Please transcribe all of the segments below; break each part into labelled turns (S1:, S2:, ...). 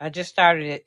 S1: I just started it.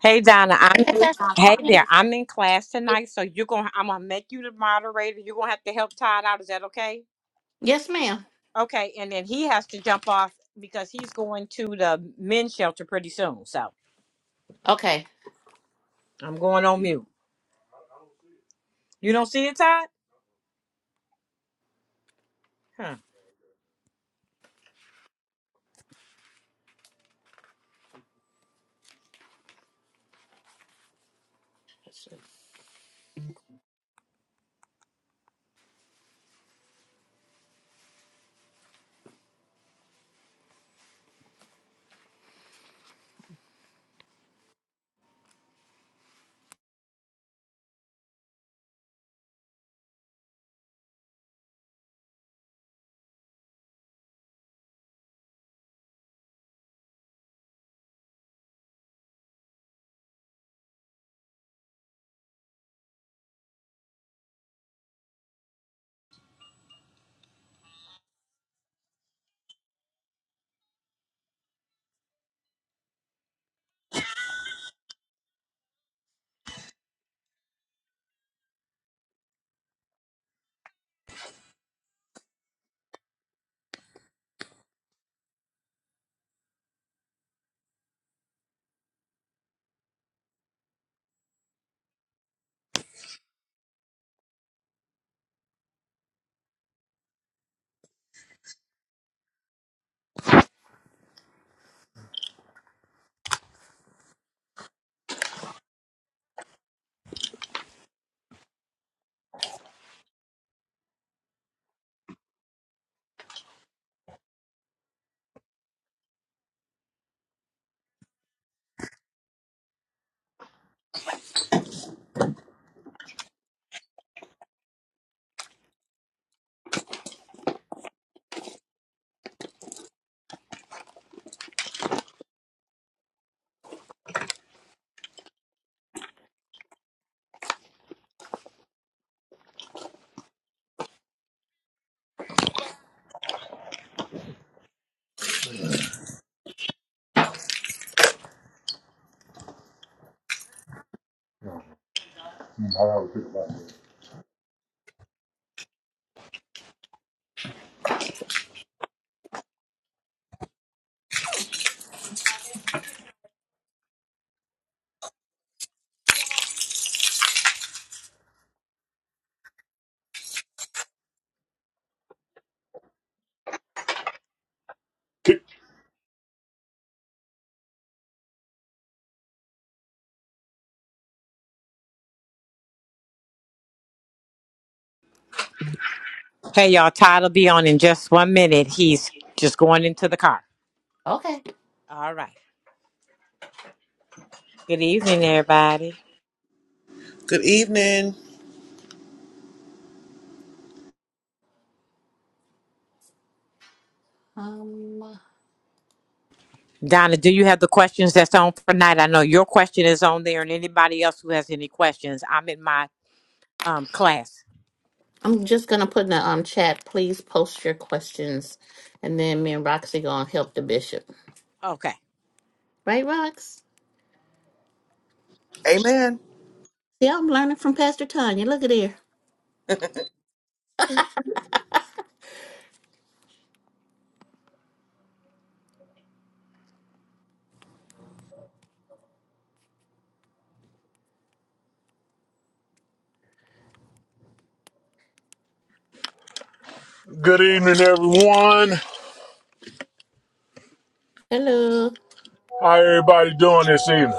S1: Hey Donna, I'm in,
S2: Okay.
S1: hey there. I'm in class tonight, so you're gonna I'm gonna make you the moderator. You're gonna have to help Todd out. Is that okay?
S2: Yes, ma'am.
S1: Okay, and then he has to jump off because he's going to the men's shelter pretty soon. So
S2: Okay.
S1: I'm going on mute. You don't see it, Todd? Huh. Hey y'all, Todd'll be on in just one minute. He's just going into the car.
S2: Okay.
S1: All right. Good evening, everybody.
S3: Good evening.
S2: Um,
S1: Donna, do you have the questions that's on for tonight? I know your question is on there, and anybody else who has any questions, I'm in my um, class.
S2: I'm just gonna put in the um chat. Please post your questions, and then me and Roxy gonna help the bishop.
S1: Okay.
S2: Right, Rox?
S3: Amen.
S2: See, I'm learning from Pastor Tanya. Look at here.
S4: Good evening, everyone.
S2: Hello.
S4: How everybody doing this evening?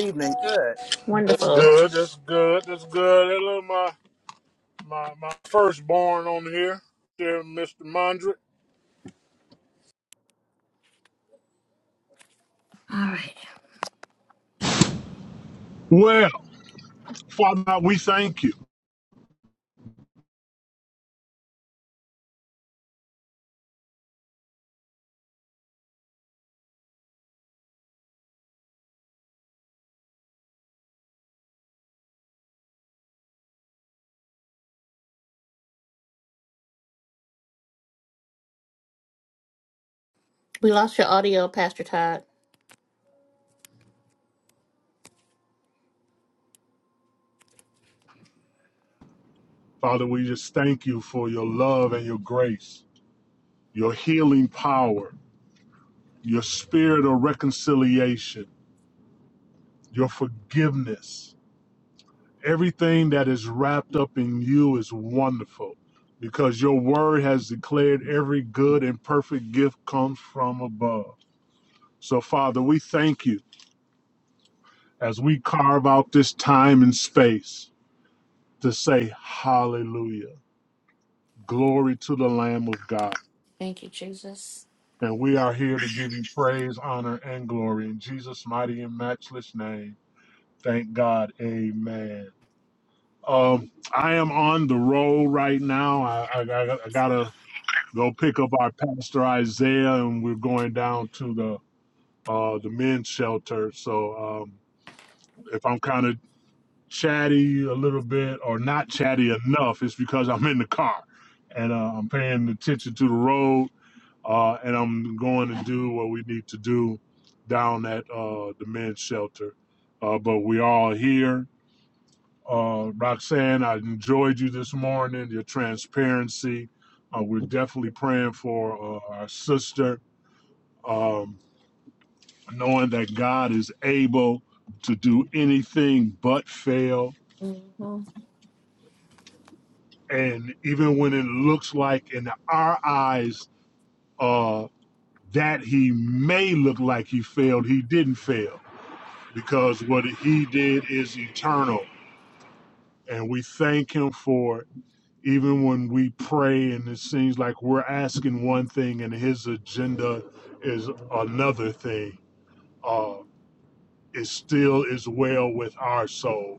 S3: Good evening.
S4: That's
S2: Wonderful.
S4: good. That's good. That's good. Hello, my my my firstborn on here, dear Mr. Mondrick.
S2: All right.
S4: Well, Father, God, we thank you,
S2: We lost your audio, Pastor Todd.
S4: Father. We just thank you for your love and your grace, your healing power, your spirit of reconciliation, your forgiveness, everything that is wrapped up in you is wonderful because your word has declared every good and perfect gift comes from above. So, Father, we thank you as we carve out this time and space to say hallelujah. Glory to the Lamb of God.
S2: Thank you, Jesus.
S4: And we are here to give you praise, honor, and glory in Jesus' mighty and matchless name. Thank God. Amen. Um, I am on the road right now. I, I, I gotta go pick up our pastor Isaiah, and we're going down to the uh, the men's shelter. So um, if I'm kind of chatty a little bit or not chatty enough, it's because I'm in the car and uh, I'm paying attention to the road, uh, and I'm going to do what we need to do down at uh, the men's shelter. Uh, but we all here. Uh, Roxanne, I enjoyed you this morning. Your transparency. Uh, we're definitely praying for uh, our sister um, knowing that God is able to do anything but fail.
S2: Well,
S4: And even when it looks like in our eyes uh, that he may look like he failed, he didn't fail because what he did is eternal. And we thank him for it. Even when we pray and it seems like we're asking one thing and his agenda is another thing, uh, it still is well with our soul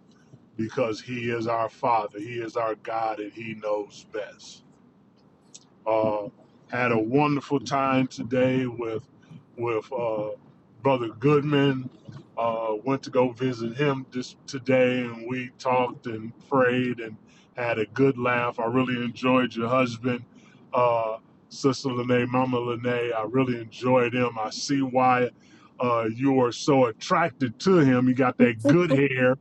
S4: because he is our father he is our god and he knows best uh, had a wonderful time today with with uh, brother goodman uh, went to go visit him this today and we talked and prayed and had a good laugh i really enjoyed your husband uh, sister lene mama lene i really enjoyed him i see why uh, you are so attracted to him he got that good hair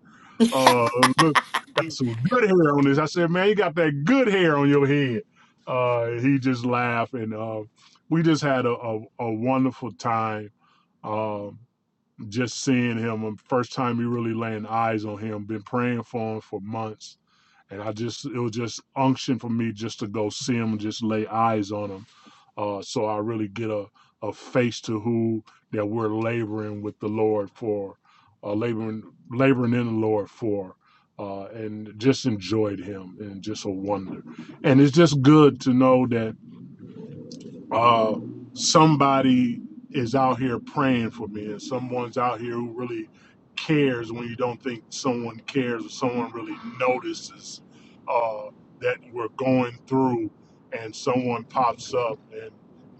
S4: uh, look, got some good hair on this. I said, man, you got that good hair on your head. Uh, he just laughed, and uh, we just had a, a, a wonderful time. Um just seeing him um, first time we really laying eyes on him been praying for him for months and i just it was just unction for me just to go see him and just lay eyes on him uh, so i really get a, a face to who that we're laboring with the lord for uh, laboring laboring in the lord for uh, and just enjoyed him and just a wonder and it's just good to know that uh, somebody is out here praying for me, and someone's out here who really cares when you don't think someone cares or someone really notices uh, that we're going through, and someone pops up and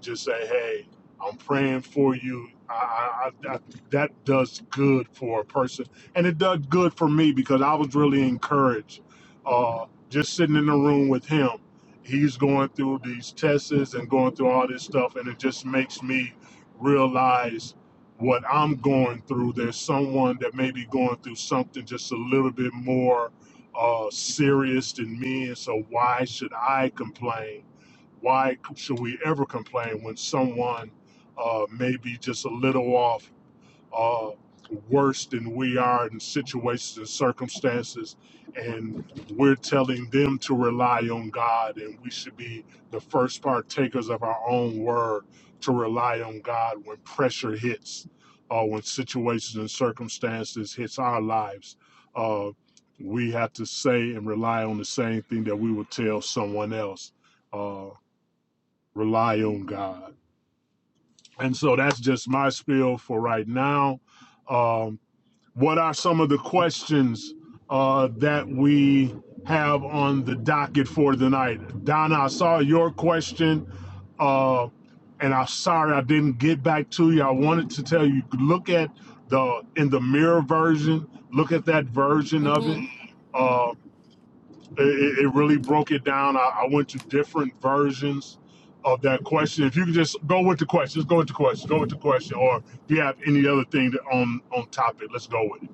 S4: just say, "Hey, I'm praying for you." I, I, I, that does good for a person, and it does good for me because I was really encouraged uh, just sitting in the room with him he's going through these tests and going through all this stuff and it just makes me realize what i'm going through there's someone that may be going through something just a little bit more uh, serious than me and so why should i complain why should we ever complain when someone uh, may be just a little off uh, worse than we are in situations and circumstances, and we're telling them to rely on God, and we should be the first partakers of our own word to rely on God when pressure hits, or when situations and circumstances hits our lives. Uh, we have to say and rely on the same thing that we would tell someone else. Uh, rely on God. And so that's just my spiel for right now. Um, what are some of the questions uh, that we have on the docket for tonight? Donna, I saw your question, uh, and I'm sorry I didn't get back to you. I wanted to tell you look at the in the mirror version. Look at that version of
S2: Mhm.
S4: it. Uh, it, it really broke it down. I, I went to different versions of that question. If you could just go with the question, just go with the question, go with the question, or if you have any other thing to, on on topic, let's go with it.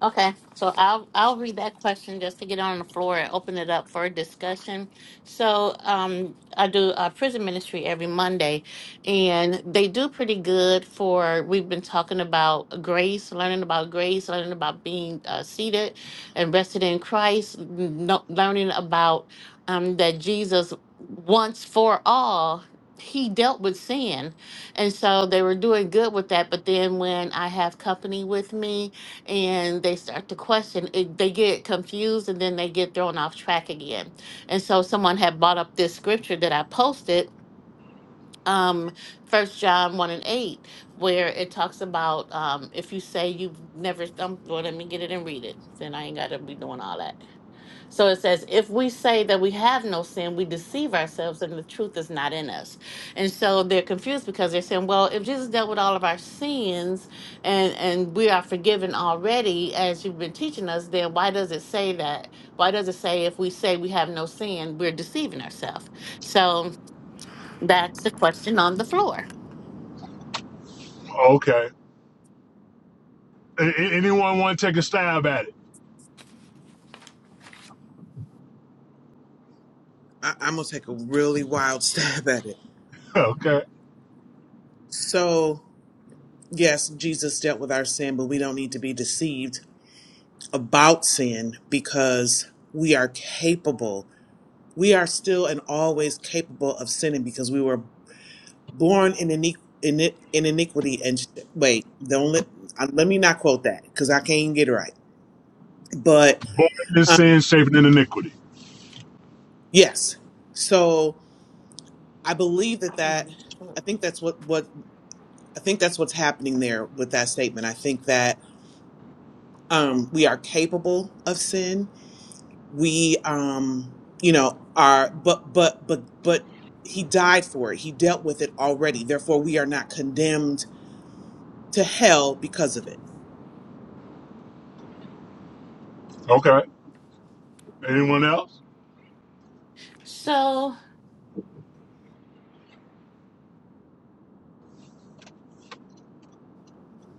S2: Okay, so I'll I'll read that question just to get on the floor and open it up for discussion. So um, I do uh, prison ministry every Monday, and they do pretty good for. We've been talking about grace, learning about grace, learning about being uh, seated and rested in Christ, no, learning about um, that Jesus once for all. He dealt with sin. And so they were doing good with that. But then when I have company with me, and they start to question it, they get confused and then they get thrown off track again and so someone had brought up this scripture that i posted um first john 1 and 8 where it talks about um if you say you've never um, well let me get it and read it then i ain't gotta be doing all that so it says, if we say that we have no sin, we deceive ourselves and the truth is not in us. And so they're confused because they're saying, well, if Jesus dealt with all of our sins and, and we are forgiven already, as you've been teaching us, then why does it say that? Why does it say if we say we have no sin, we're deceiving ourselves? So that's the question on the floor.
S4: Okay. anyone want to take a stab at it?
S3: I- I'm going to take a really wild stab at it.
S4: Okay.
S3: So, yes, Jesus dealt with our sin, but we don't need to be deceived about sin because we are capable. We are still and always capable of sinning because we were born in iniqu- in, it- in iniquity and sh- wait, don't let uh, let me not quote that because I can't even get it right. But
S4: Born in
S3: um,
S4: sin, shaped in iniquity.
S3: yes, so I believe that that I think that's what what I think that's what's happening there with that statement. I think that um, we are capable of sin. We, um, you know, are, but, but, but, but he died for it. He dealt with it already. Therefore, we are not condemned to hell because of it.
S4: Okay. Anyone else?
S2: So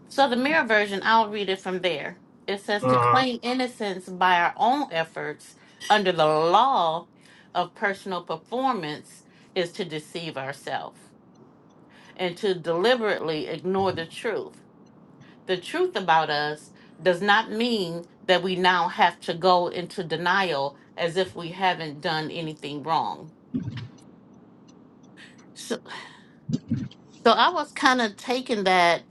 S2: So the mirror version, I'll read it from there. It says to
S4: Uh-huh.
S2: claim innocence by our own efforts under the law of personal performance is to deceive ourselves and to deliberately ignore the truth. The truth about us does not mean that we now have to go into denial as if we haven't done anything wrong. So, so I was kind of taking that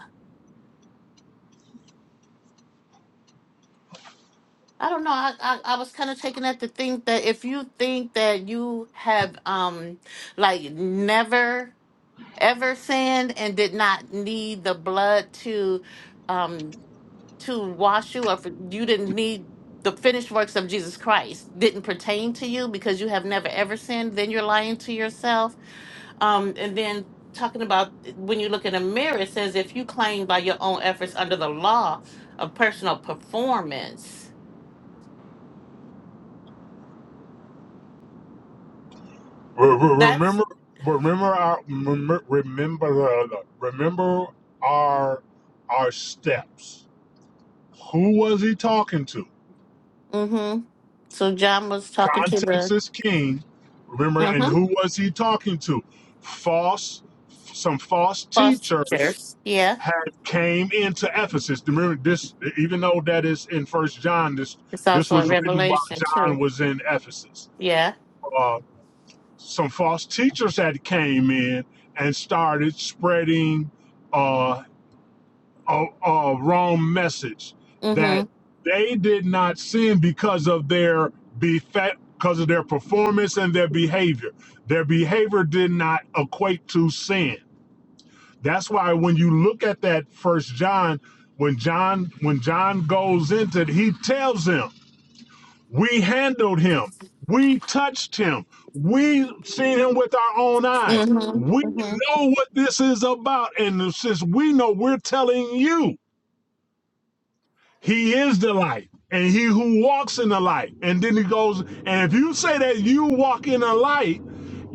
S2: I don't know. I, I, I was kind of taken at to think that if you think that you have um like never ever sinned and did not need the blood to um to wash you or for, you didn't need the finished works of Jesus Christ didn't pertain to you because you have never ever sinned, then you're lying to yourself. Um and then talking about when you look in a mirror, it says if you claim by your own efforts under the law of personal performance. That's
S4: remember, remember our, remember, remember our, our steps. Who was he talking to?
S2: Mm-hmm. So John was talking to
S4: Context
S2: the
S4: is king. Remember, and
S2: uh-huh,
S4: who was he talking to? False, some false teachers
S2: fosters. Yeah.
S4: had came into Ephesus. Remember this, even though that is in First John, this
S2: It's
S4: this
S2: also a
S4: was written while
S2: revelation
S4: John
S2: too.
S4: was in Ephesus.
S2: Yeah.
S4: Uh, some false teachers had came in and started spreading uh, a, a wrong message that
S2: Mm-hmm.
S4: they did not sin because of their befa- because of their performance and their behavior. Their behavior did not equate to sin that's why when you look at that first John, when John when John goes into it, he tells him, "We handled him. We touched him. We seen him with our own eyes. We
S2: Mm-hmm. Mm-hmm.
S4: know what this is about and since we know, we're telling you." He is the light, and he who walks in the light. And then he goes, and if you say that you walk in the light,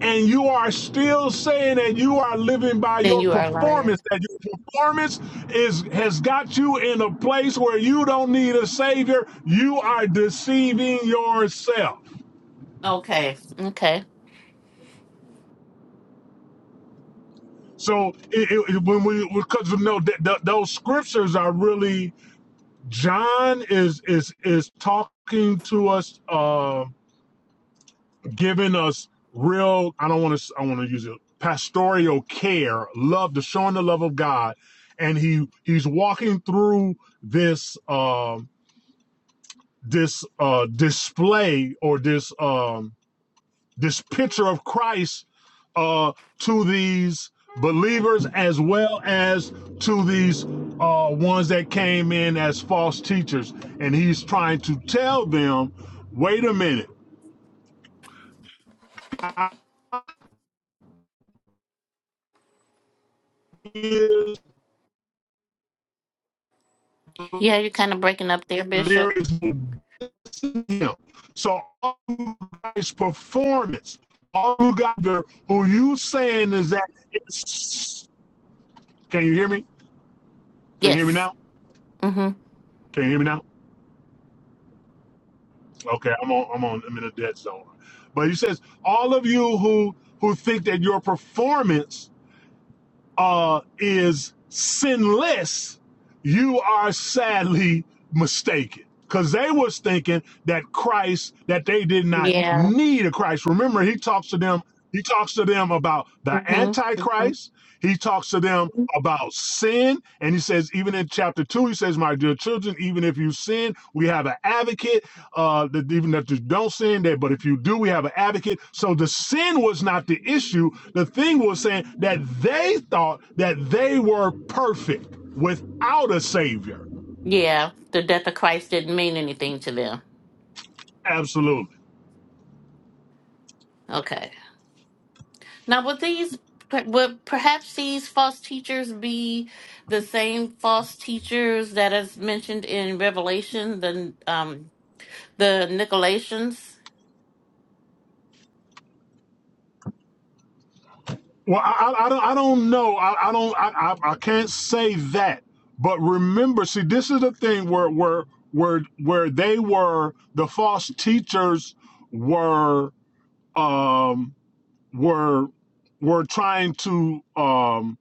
S4: and you are still saying that you are living by
S2: Then
S4: your
S2: you are a liar.
S4: performance, that your performance is has got you in a place where you don't need a savior, you are deceiving yourself.
S2: Okay. Okay.
S4: So it, it, when we because you know that th- those scriptures are really John is is is talking to us. uh, giving us real i don't want to i want to use it pastoral care love the showing the love of god and he he's walking through this um this uh display or this um this picture of christ uh to these believers as well as to these uh ones that came in as false teachers and he's trying to tell them wait a minute
S2: Yeah, you're kind of breaking up there,
S4: there
S2: Bishop.
S4: is to him. So all you guys' performance, all you guys there, who you saying is that it's, can you hear me? Can you hear me
S2: Yes.
S4: now?
S2: Mm-hmm.
S4: Can you hear me now? Okay, I'm on I'm on I'm in a dead zone. But he says all of you who who think that your performance uh, is sinless, you are sadly mistaken. Because they was thinking that Christ, that they did not
S2: Yeah.
S4: need a Christ. Remember, he talks to them, he talks to them about the
S2: Mm-hmm. Mm-hmm.
S4: Antichrist he talks to them about sin. And he says, even in chapter two, he says, My dear children, even if you sin, we have an advocate. Uh, that even if you don't sin, that but if you do, we have an advocate. So the sin was not the issue. The thing was saying that they thought that they were perfect without a savior.
S2: Yeah. The death of Christ didn't mean anything to them.
S4: Absolutely.
S2: Okay. Now, would these would perhaps these false teachers be the same false teachers that is mentioned in Revelation, the um the Nicolaitans,
S4: Well, I, I, I don't, I don't know. I, I don't, I, I, I can't say that. But remember, see, this is the thing where, where, where, where they were the false teachers were, um, were, were trying to um,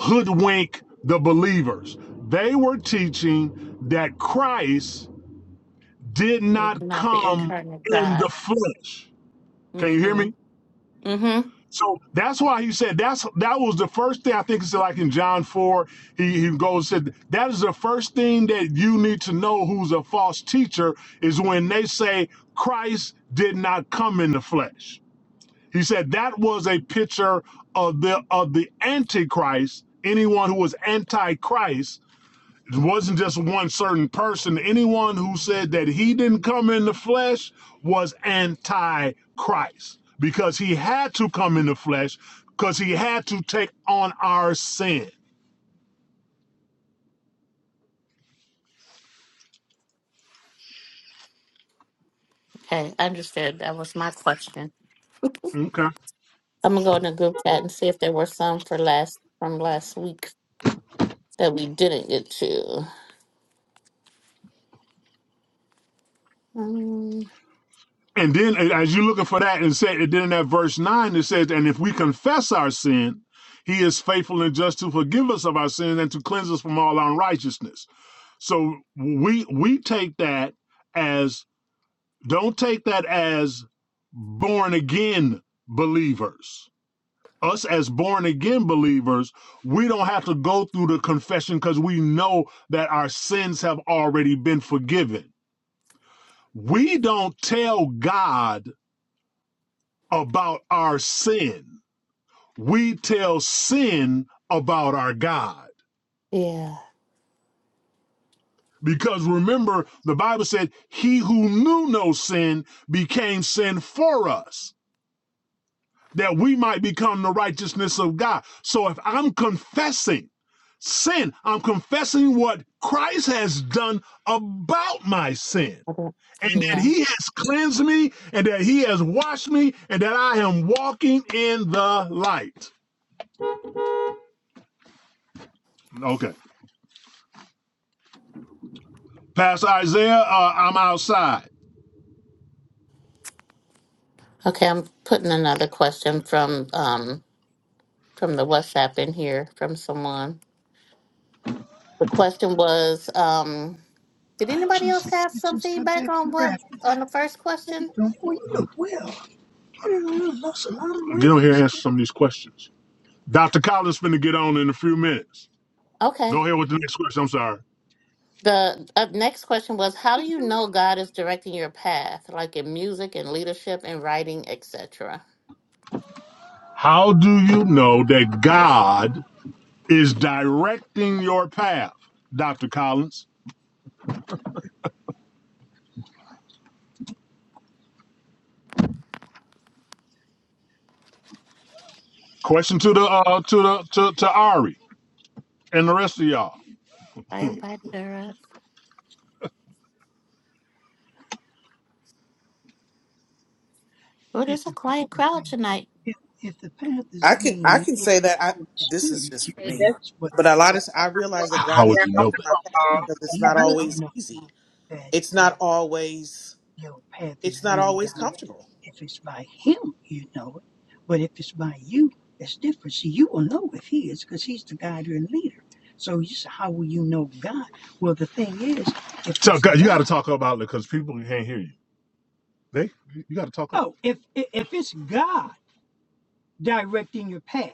S4: hoodwink the believers. They were teaching that Christ did
S2: was
S4: not
S2: not the
S4: come
S2: incarnate
S4: in the
S2: God?
S4: flesh. Can you hear
S2: Mm-hmm.
S4: me?
S2: Mm-hmm.
S4: So that's why he said that's that was the first thing I think it's like in John four he, he goes and said that is the first thing that you need to know who's a false teacher is when they say Christ did not come in the flesh. He said that was a picture of the of the antichrist, anyone who was antichrist it wasn't just one certain person. Anyone who said that he didn't come in the flesh was anti Christ because he had to come in the flesh because he had to take on our sin.
S2: Okay, I understood. That was my question.
S4: Okay.
S2: I'm gonna go in the group chat and see if there were some for last from last week that we didn't get to. Um,
S4: And then as you're looking for that, and said and then in that verse nine, it says, And if we confess our sin, he is faithful and just to forgive us of our sins and to cleanse us from all unrighteousness. So we we take that as Don't take that as born again believers. Us as born again believers, we don't have to go through the confession because we know that our sins have already been forgiven. We don't tell God about our sin, we tell sin about our God.
S2: yeah.
S4: Because remember, the Bible said, He who knew no sin became sin for us. that we might become the righteousness of God. So if I'm confessing sin, I'm confessing what Christ has done about my sin.
S2: I don't-
S4: And that
S2: Yeah.
S4: he has cleansed me, and that he has washed me, and that I am walking in the light. Okay. Pastor Isaiah, uh, I'm outside.
S2: Okay, I'm putting another question from um from the WhatsApp in here from someone. The question was, um, did
S4: I
S2: anybody else
S4: just I
S2: have some
S4: just got
S2: feedback
S4: back from
S2: on what
S4: Grafton.
S2: on the first
S4: How you
S2: question?
S4: doing? Boy, you look well. You done lost a lot of Get on here answer some of these questions. Dr. Collins finna get on in a few minutes.
S2: Okay.
S4: Go ahead with the next question. I'm sorry.
S2: The uh, next question was, how do you know God is directing your path, like in music and leadership and writing, etc.
S4: How do you know that God is directing your path, Dr. Collins? Question to the uh, to the to, to Ari and the rest of y'all.
S2: I invited her up. Well,
S4: If
S2: there's a
S4: the path
S2: quiet
S4: is
S2: crowd
S4: being
S2: tonight.
S4: if, if the path is
S3: I can I
S4: being
S3: can
S4: led by
S3: say
S4: the
S3: that I
S4: Holy
S3: this is
S4: Spirit,
S3: just
S4: you-
S3: for
S5: Hey,
S3: me.
S4: it
S5: that's-
S4: is. But
S3: But a lot of I realize that
S4: H- How
S3: God is
S4: would
S5: that's
S4: you know
S3: directing
S4: that?
S3: my path
S5: all.
S4: no,
S3: because it's
S4: you
S3: not
S4: don't
S3: always
S4: know
S3: easy.
S4: that.
S3: It's not always
S4: your path is
S3: it's not
S4: being
S3: always
S4: directed.
S3: comfortable.
S4: If it's by him, you know it. But if it's by you, it's different. See, you will know if he is because he's the guide and leader. So you say, how will you know God? Well, the thing is, if So it's God, you got to God, talk about it because people can't hear you. They, you got to talk up. oh, if if if it's God directing your path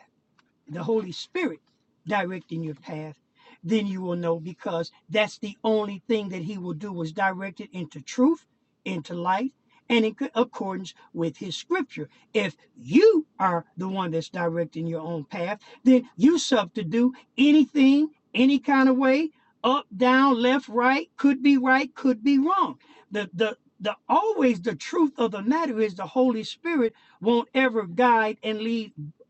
S4: the Holy Spirit directing your path, then you will know because that's the only thing that He will do is direct it into truth, into light, and in accordance with His Scripture. If you are the one that's directing your own path, then you substitute anything, any kind of way, up, down, left, right, could be right, could be wrong. The the the always the truth of the matter is the Holy Spirit won't ever guide and lead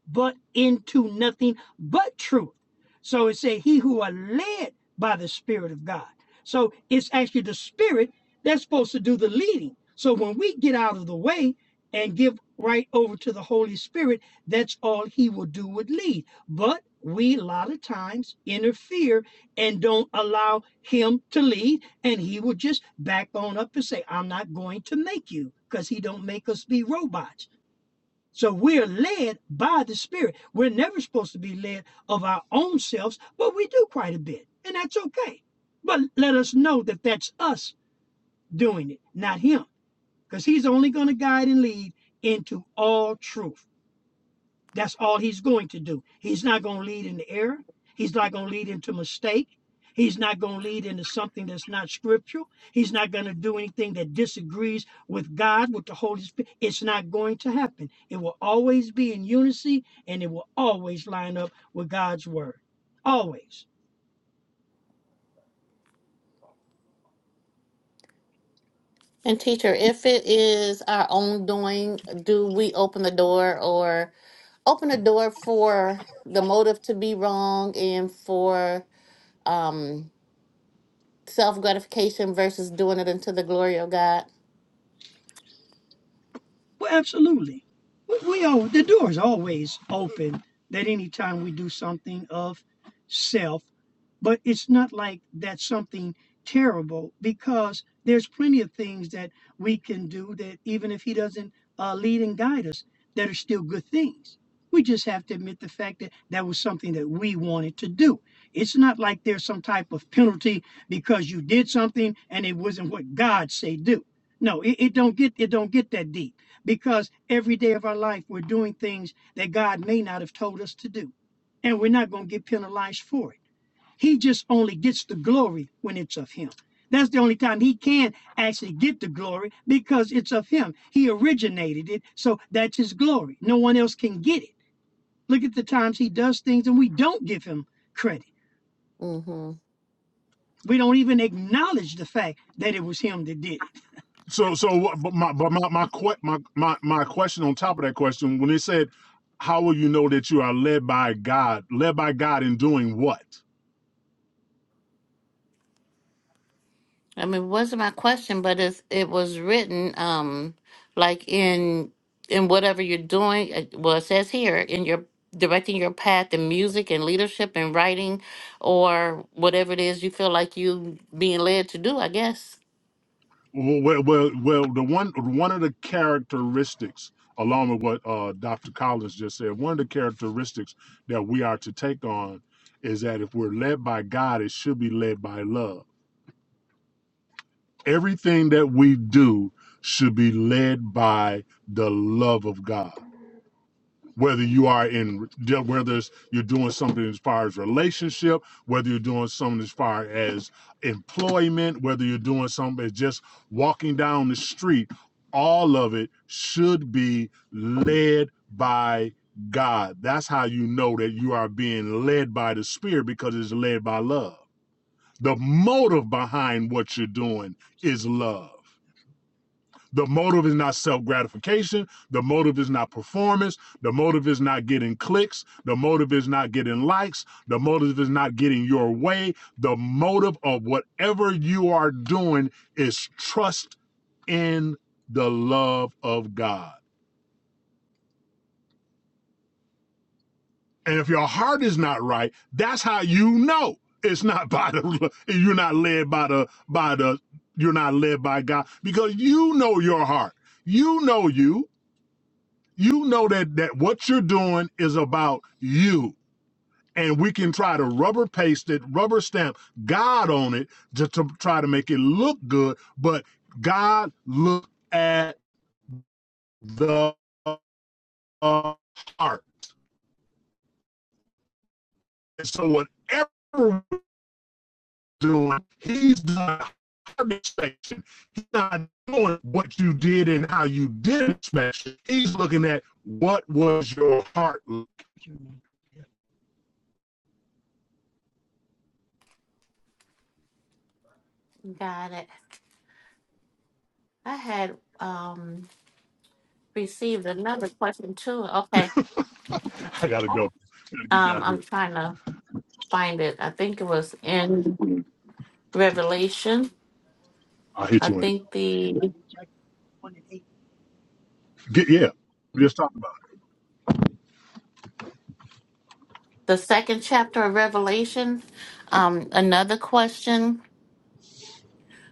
S4: but into nothing but truth. So it said, He who are led by the Spirit of God. So it's actually the Spirit that's supposed to do the leading. So when we get out of the way and give right over to the Holy Spirit, that's all He will do would lead. But we a lot of times interfere and don't allow Him to lead, and He will just back on up and say, I'm not going to make you because He don't make us be robots. So we're led by the Spirit. We're never supposed to be led of our own selves, but we do quite a bit, and that's okay. But let us know that that's us doing it, not Him, because He's only going to guide and lead into all truth. That's all he's going to do. He's not going to lead in the error. He's not going to lead into mistake. He's not going to lead into something that's not scriptural. He's not going to do anything that disagrees with God, with the Holy Spirit. It's not going to happen. It will always be in unity and it will always line up with God's word. Always.
S2: And teacher, if it is our own doing, do we open the door or open the door for the motive to be wrong and for um self gratification versus doing it unto the glory of God.
S4: Well, absolutely. We, we all the door is always open that anytime we do something of self, but it's not like that's something terrible because there's plenty of things that we can do that even if he doesn't uh, lead and guide us, that are still good things. We just have to admit the fact that that was something that we wanted to do. It's not like there's some type of penalty because you did something and it wasn't what God say do. No, it, it don't get it don't get that deep because every day of our life we're doing things that God may not have told us to do. And we're not going to get penalized for it. He just only gets the glory when it's of Him. That's the only time He can actually get the glory because it's of Him. He originated it, so that's His glory. No one else can get it. Look at the times He does things and we don't give Him credit.
S2: hmm
S4: We don't even acknowledge the fact that it was Him that did it. So, so, but my, but my, my, que- my, my, my question on top of that question, when it said, "How will you know that you are led by God? Led by God in doing what?"
S2: I mean, it wasn't my question, but it's, it was written um like in in whatever you're doing. uh, Well, it says here in your directing your path in music and leadership and writing, or whatever it is you feel like you being led to do. I guess.
S4: Well, well, well, well the one, one of the characteristics, along with what uh, Dr. Collins just said, one of the characteristics that we are to take on is that if we're led by God, it should be led by love. Everything that we do should be led by the love of God whether you are in whether you're doing something as far as relationship whether you're doing something as far as employment whether you're doing something as just walking down the street all of it should be led by god that's how you know that you are being led by the spirit because it's led by love the motive behind what you're doing is love the motive is not self gratification. The motive is not performance. The motive is not getting clicks. The motive is not getting likes. The motive is not getting your way. The motive of whatever you are doing is trust in the love of God. And if your heart is not right, that's how you know it's not by the you're not led by the by the you're not led by God because you know your heart. You know you. you know that that what you're doing is about you and we can try to rubber paste it rubber stamp god on it just to try to make it look good but god looked at the uh, heart and so whatever we're doing he's the heart inspection he's not doing what you did and how you did inspection he's looking at what was your heart like.
S2: Got it. I had um received another question too. Okay.
S4: i gotta go I gotta get
S2: Um,
S4: down
S2: I'm
S4: here
S2: trying to find it. I think it was in. Revelation.
S4: I hit
S2: I
S4: you in the
S2: think the
S4: Get, yeah, we just talking about
S2: the second chapter of Revelation. Um, another question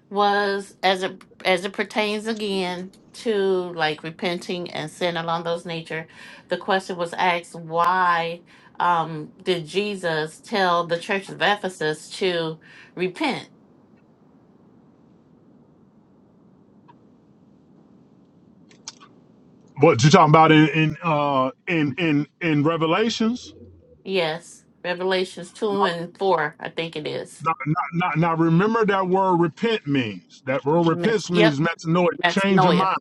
S2: was as it as it pertains again to like repenting and sin along those nature. The question was asked: Why um, did Jesus tell the church of Ephesus to repent?
S4: it. what you talking about in in uh, in in in Revelations.
S2: Yes, Revelations two and four. I think it is.
S4: Now, now, now, now remember that word repent means. That word
S2: Met-
S4: repent
S2: Yep,
S4: means metanoia. Change your
S2: metanoia.
S4: mind.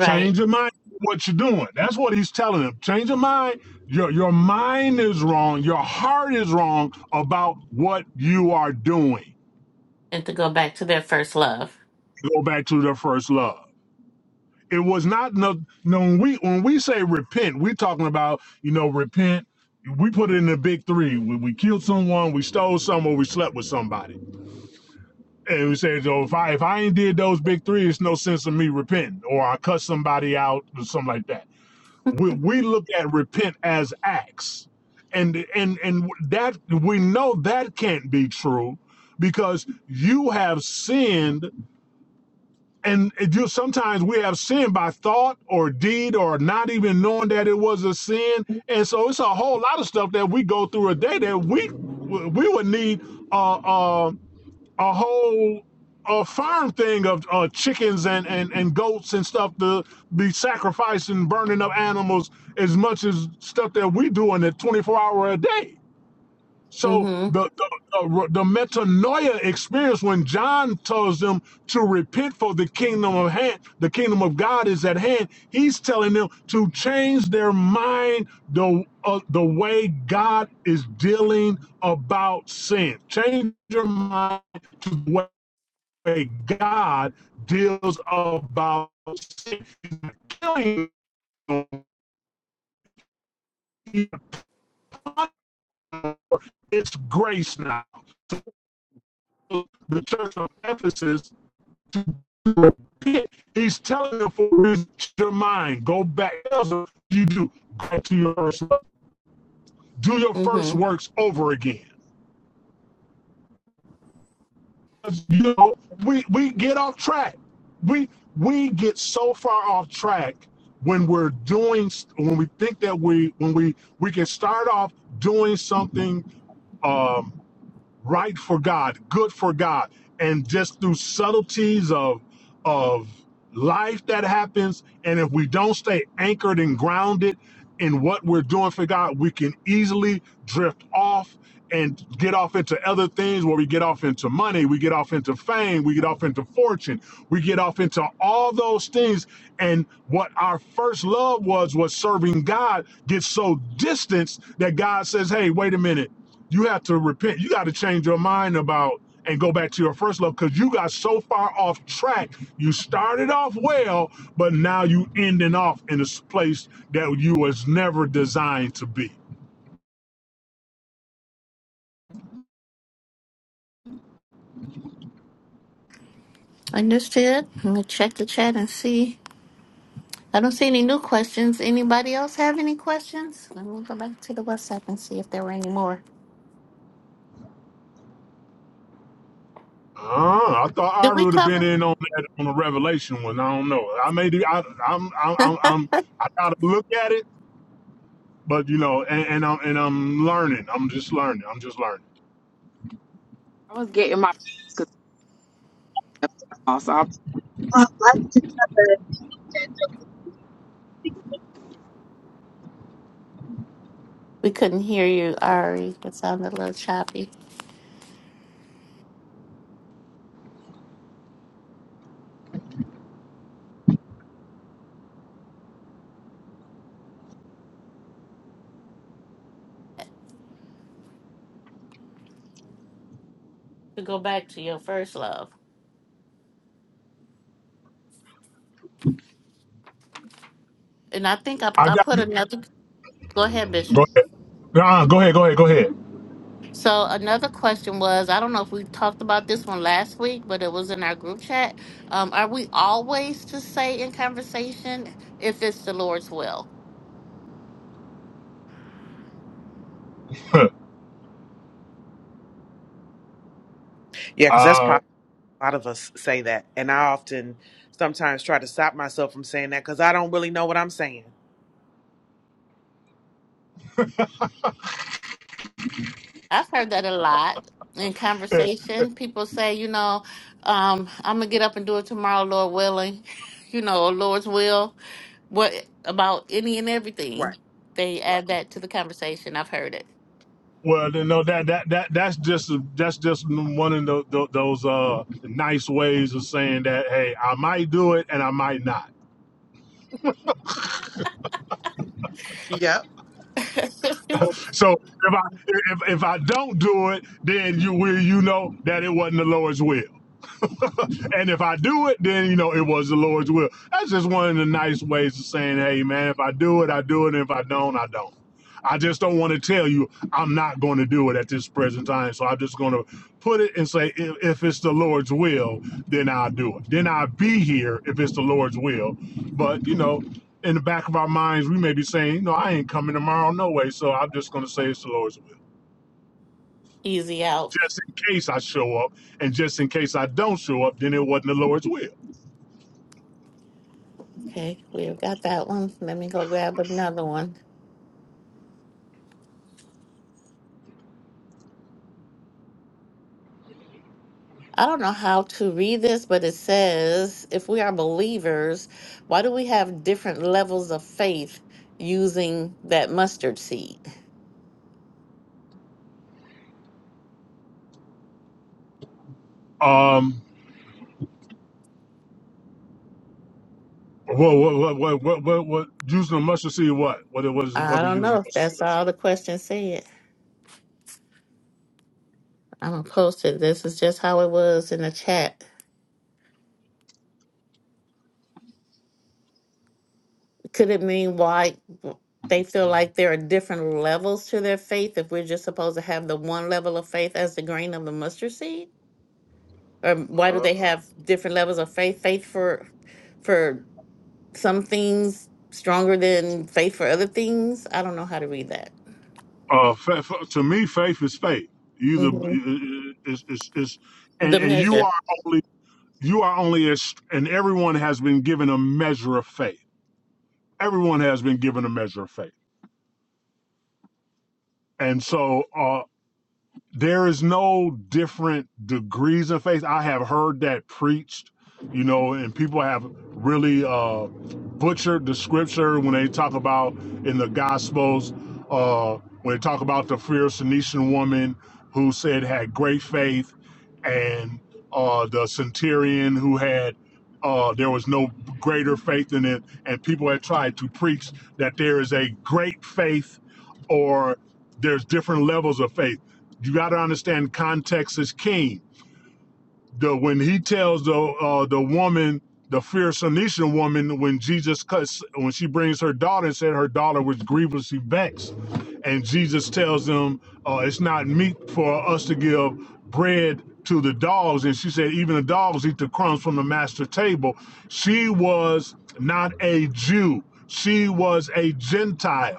S4: Change your mind. What you're doing. That's what he's telling them. Change your mind. Your your mind is wrong. Your heart is wrong about what you are doing.
S2: and to go back to their first love.
S4: Go back to the first love. it was not no no. when we when we say repent, we're talking about you know repent. We put it in the big three. We, we killed someone, we stole someone, we slept with somebody, and we say, so if I if I ain't did those big three, it's no sense of me repenting, or I cut somebody out or something like that. We we look at repent as acts, and and and that we know that can't be true because you have sinned and it just sometimes we have sin by thought or deed or not even knowing that it was a sin and so it's a whole lot of stuff that we go through a day that we we would need a a, a whole a farm thing of uh, chickens and, and and goats and stuff to be sacrificing burning up animals as much as stuff that we do in a 24 hour a day so
S2: Mm-hmm.
S4: the the, uh, the metanoia experience when John tells them to repent for the kingdom of hand, the kingdom of God is at hand. He's telling them to change their mind the uh, the way God is dealing about sin. Change your mind to the way God deals about sin. He's not killing you. He's It's grace now. The church of Ephesus to do it. He's telling you for reason, your mind. Go back. You do. Go to your first love. Do your first
S2: Mm-hmm.
S4: works over again. You know, we, we get off track. We we get so far off track when we're doing when we think that we when we we can start off doing something um, right for God, good for God and just through subtleties of of life that happens and if we don't stay anchored and grounded in what we're doing for God we can easily drift off and get off into other things where we get off into money we get off into fame we get off into fortune we get off into all those things and what our first love was was serving God gets so distanced that God says hey wait a minute you have to repent you got to change your mind about and go back to your first love because you got so far off track. You started off well, but now you ending off in a place that you was never designed to be.
S2: Understood. I'm gonna check the chat and see. I don't see any new questions. Anybody else have any questions? Let me go back to the WhatsApp and see if there were any more.
S4: Ah, I thought
S2: Did
S4: Ari
S2: we
S4: would have
S2: cover?
S4: been in on that on the Revelation one. I don't know. I may do. I, I'm, I'm, I'm, I'm. I gotta look at it, but you know, and, and I'm and I'm learning. I'm just learning. I'm just learning.
S5: I was getting my so I'm trying to
S2: We couldn't hear you, Ari. It sounded a little choppy. To go back to your first love, and I think I
S4: I
S2: I
S4: got.
S2: put another. Go ahead, Bishop.
S4: Go ahead. Nah, go ahead. Go ahead. Go
S2: So another question was, I don't know if we talked about this one last week, but it was in our group chat. Um, are we always to say in conversation if it's the Lord's will?
S4: ahead.
S3: Yeah, because that's
S4: uh,
S3: pop. A lot of us say that, and I often sometimes try to stop myself from saying that because I don't really know what I'm saying.
S2: I've heard that a lot in conversation. People say, you know, um, I'm gonna get up and do it tomorrow, Lord willing. You know, Lord's will. What about any and
S3: Right.
S2: everything? They add that to the conversation. I've heard
S4: Well, then, no, that that that that's just that's just one of tho- tho- those uh, nice ways of saying that hey, I might do it and I might not.
S3: Yep.
S2: it.
S4: So if I if, if I don't do it, then you will you know that it wasn't the Lord's will. and if I do it, then you know it was the Lord's will. That's just one of the nice ways of saying, hey man, if I do it, I do it, and if I don't, I don't. I just don't want to tell you I'm not going to do it at this present time. So I'm just going to put it and say, if, if it's the Lord's will, then I'll do it. Then I'll be here if it's the Lord's will. But, you know, in the back of our minds, we may be saying, no, I ain't coming tomorrow, no way. So I'm just going to say it's the Lord's will.
S2: Easy out.
S4: Just in case I show up. And just in case I don't show up, then it wasn't the Lord's will.
S2: Okay, we've got that one. Let me go grab another one. I don't know how to read this, but it says if we are believers, why do we have different levels of faith using that mustard seed?
S4: Um, what what what what what, what using the mustard seed? What what it was?
S2: I
S4: What we
S2: don't
S4: using
S2: know
S4: the
S2: if
S4: mustard seed?
S2: that's all the question said. I'm gonna post it. This is just how it was in the chat. Could it mean why they feel like there are different levels to their faith if we're just supposed to have the one level of faith as the grain of the mustard seed? Or why do
S4: Uh,
S2: they have different levels of faith? Faith for for some things stronger than faith for other things? I don't know how to read that.
S4: uh fa- fa- to me, faith is faith. Either
S2: hmm
S4: is is is, and,
S2: The
S4: and you
S2: measure
S4: are only you are only as, and everyone has been given a measure of faith. Everyone has been given a measure of faith, and so. uh, there is no different degrees of faith. I have heard that preached, you know, and people have really uh, butchered the scripture when they talk about in the Gospels, uh, when they talk about the Pharisee woman who said had great faith, and uh, the centurion who had. Uh, there was no greater faith in it, and people had tried to preach that there is a great faith, or there's different levels of faith you got to understand context is king. The when he tells the uh, the woman, the fierce Phoenician woman, when Jesus cuts, when she brings her daughter and said her daughter was grievously vexed, and Jesus tells them uh, it's not meet for us to give bread to the dogs, and she said even the dogs eat the crumbs from the master table. She was not a Jew. She was a Gentile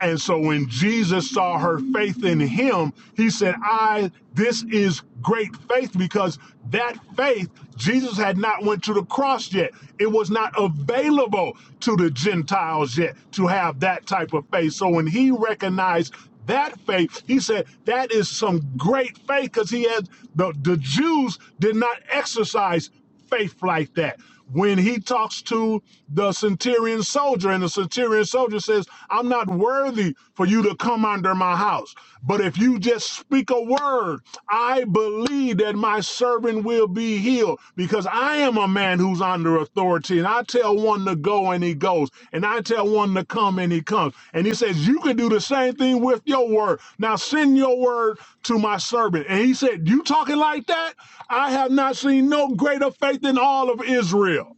S4: and so when Jesus saw her faith in him, he said, I, this is great faith because that faith, Jesus had not went to the cross yet. It was not available to the Gentiles yet to have that type of faith. So when he recognized that faith, he said, that is some great faith because he had, the, the Jews did not exercise faith like that. When he talks to the centurion soldier, and the centurion soldier says, I'm not worthy for you to come under my house. But if you just speak a word, I believe that my servant will be healed because I am a man man who's under authority. And I tell one to go and he goes. And I tell one to come and he comes. And he says, You can do the same thing with your word. Now send your word to my servant. And he said, You talking like that? I have not seen no greater faith in all of Israel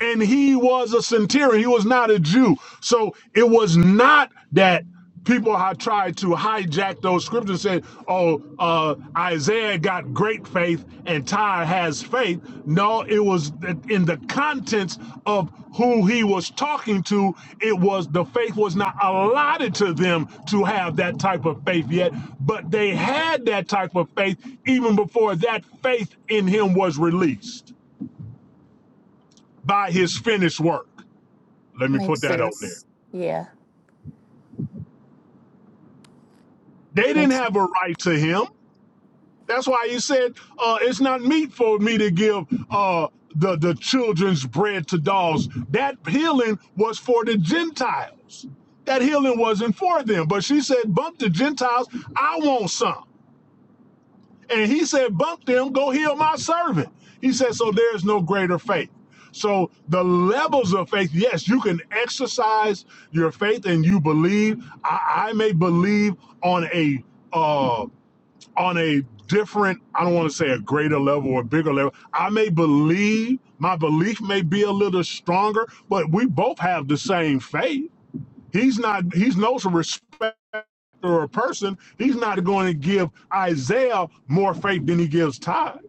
S4: and he was a centurion. He was not a Jew. So it was not that people had tried to hijack those scriptures and say, oh, uh, Isaiah got great faith and Tyre has faith. No, it was in the contents of who he was talking to. It was the faith was not allotted to them to have that type of faith yet, but they had that type of faith even before that faith in him was released by his finished work. Let me
S2: makes
S4: put that out there.
S2: sense. Yeah.
S4: They didn't
S2: Makes
S4: have a right to him. That's why he said, uh, it's not meet for me to give uh, the, the children's bread to dogs. That healing was for the Gentiles. That healing wasn't for them. But she said, bump the Gentiles, I want some. And he said, Bump them, go heal my servant. He said, So there's no greater faith. So the levels of faith, yes, you can exercise your faith and you believe. I, I may believe on a uh on a different, I don't want to say a greater level or a bigger level. I may believe, my belief may be a little stronger, but we both have the same faith He's not, he's no respecter of person. He's not going to give Isaiah more faith than he gives Todd.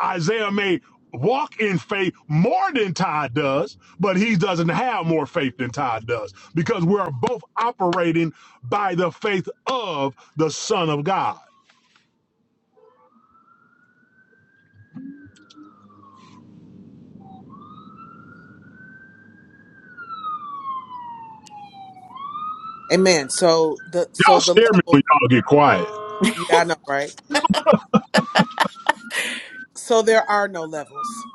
S4: Isaiah may walk in faith more than Todd does, but he doesn't have more faith than Todd does because we're both operating by the faith of the Son of God.
S3: Amen. So the so
S4: Y'all
S3: the
S4: scare me
S3: level.
S4: when y'all get quiet.
S3: Yeah, I know, right? So there are no levels.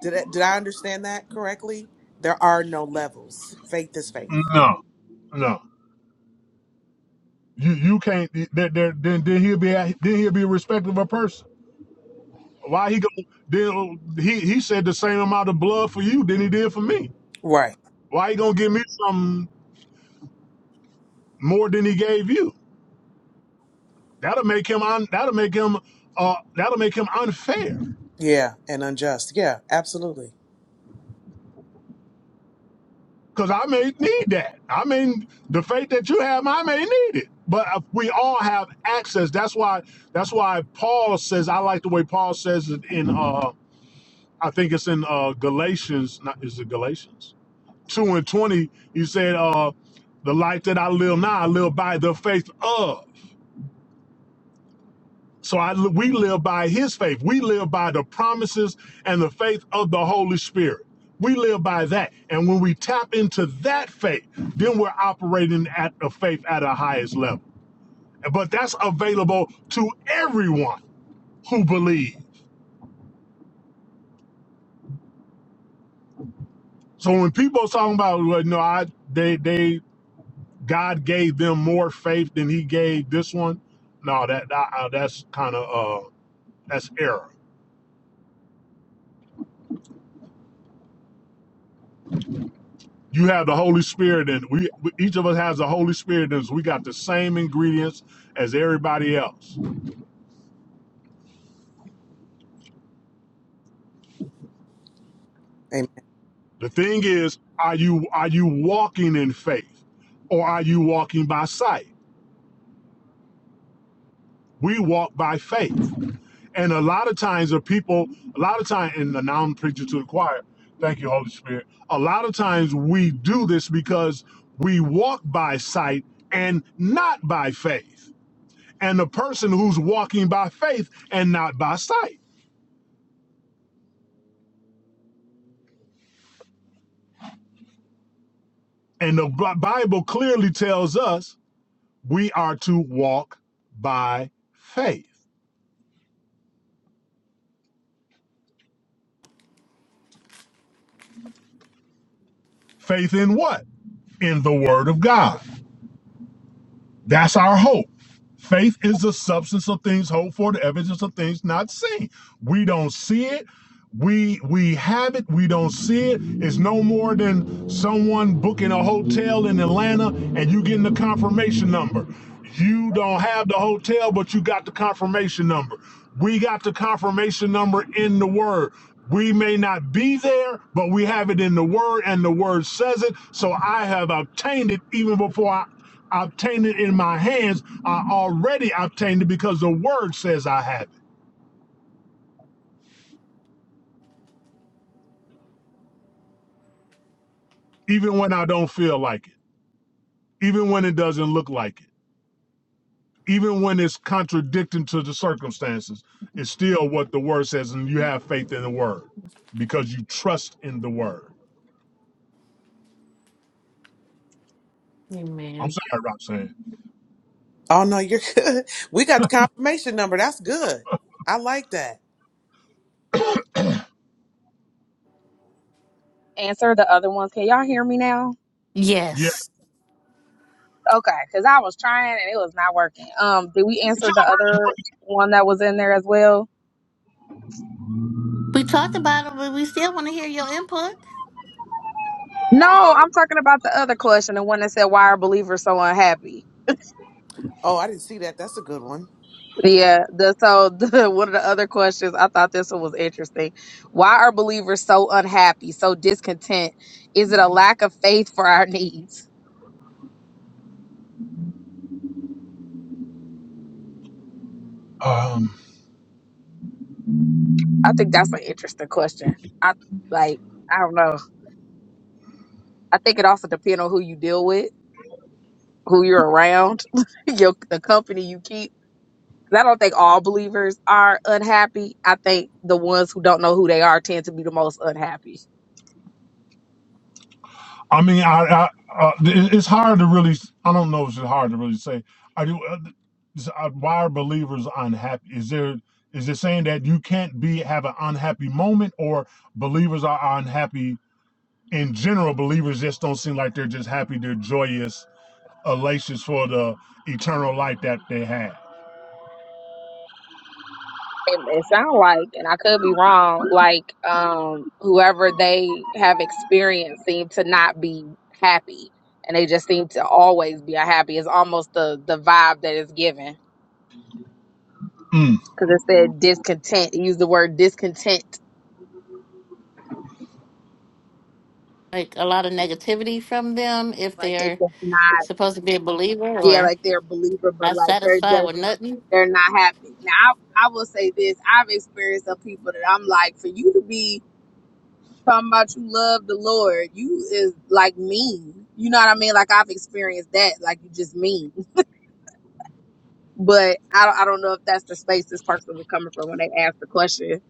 S3: Did I, did I understand that correctly? There are no levels. Faith is faith.
S4: No, no. You you can't. There, there, then then he'll be a- then he'll be a respectable person. Why he gonna then he he said the same amount of blood for you than he did for me.
S3: Right.
S4: Why he gonna give me some more than he gave you? That'll make him un, that'll make him uh that'll make him unfair.
S3: Yeah, and unjust. Yeah, absolutely.
S4: Cause I may need that. I mean the faith that you have, I may need it. But if we all have access. That's why that's why Paul says I like the way Paul says it in uh I think it's in uh Galatians, not is it Galatians? two and twenty, you said, uh, "The life that I live now, I live by the faith of." So I, we live by His faith. We live by the promises and the faith of the Holy Spirit. We live by that, and when we tap into that faith, then we're operating at the faith at a highest level. But that's available to everyone who believes. So when people are talking about, well, no, I they they God gave them more faith than He gave this one. No, that, that uh, that's kind of uh, that's error. You have the Holy Spirit, and we we- each of us has the Holy Spirit, and we got the same ingredients as everybody else.
S3: Amen.
S4: The thing is, are you are you walking in faith, or are you walking by sight? We walk by faith. And a lot of times, the people, a lot of time, and now I'm preaching to the choir. Thank you, Holy Spirit. A lot of times we do this because we walk by sight and not by faith. And the person who's walking by faith and not by sight. And the B- Bible clearly tells us we are to walk by faith. Faith in what? In the Word of God. That's our hope. Faith is the substance of things hoped for, the evidence of things not seen. We don't see it. We we have it. We don't see it. It's no more than someone booking a hotel in Atlanta and you getting the confirmation number. You don't have the hotel, but you got the confirmation number. We got the confirmation number in the word. We may not be there, but we have it in the word, and the word says it. So I have obtained it even before I I obtained it in my hands. I already obtained it because the word says I have it, even when I don't feel like it, even when it doesn't look like it, even when it's contradicting to the circumstances. It's still what the word says, and you have faith in the word because you trust in the word. I'm
S2: Amen.
S4: sorry, Roxanne.
S3: Oh no, you're good. We got the confirmation number. That's good. I like that.
S5: answer the other ones. Can y'all hear me now?
S4: Yeah.
S2: Yes.
S5: Okay, because I was trying and it was not working. Um, did we answer the other one that was in there as well?
S2: We talked about them, but we still want to hear your input.
S5: No, I'm talking about the other question, the one that said, "Why are believers so unhappy?"
S3: Oh, I didn't see that. That's a good one.
S5: Yeah, the so the, one of the other questions I thought this one was interesting. Why are believers so unhappy, so discontent? Is it a lack of faith for our needs?
S4: Um.
S5: I think that's an interesting question. I like I don't know. I think it also depends on who you deal with, who you're around, your the company you keep. 'Cause I don't think all believers are unhappy. I think the ones who don't know who they are tend to be the most unhappy.
S4: I mean, I, I uh, it- it's hard to really. I don't know. if It's hard to really say. Are you? Uh, is- uh, why are believers unhappy? Is there? Is it saying that you can't be have an unhappy moment, or believers are unhappy in general? Believers just don't seem like they're just happy. They're joyous, elations for the eternal life that they have.
S5: It, it sounds like, and I could be wrong, like um whoever they have experienced seem to not be happy, and they just seem to always be unhappy. It's almost the the vibe that is given because it said discontent. It used the word discontent,
S2: Like a lot of negativity from them if
S5: like they
S2: they're
S5: just not,
S2: supposed to be a believer
S5: yeah,
S2: or
S5: like they're a believer, but
S2: not
S5: like they're
S2: satisfied
S5: just
S2: with nothing.
S5: they're not happy. Now, I, I will say this: I've experienced some people that I'm like, for you to be talking about you love the Lord, you is like mean. You know what I mean? Like I've experienced that, like you just mean. But I don't, I don't know if that's the space this person was coming from when they asked the question.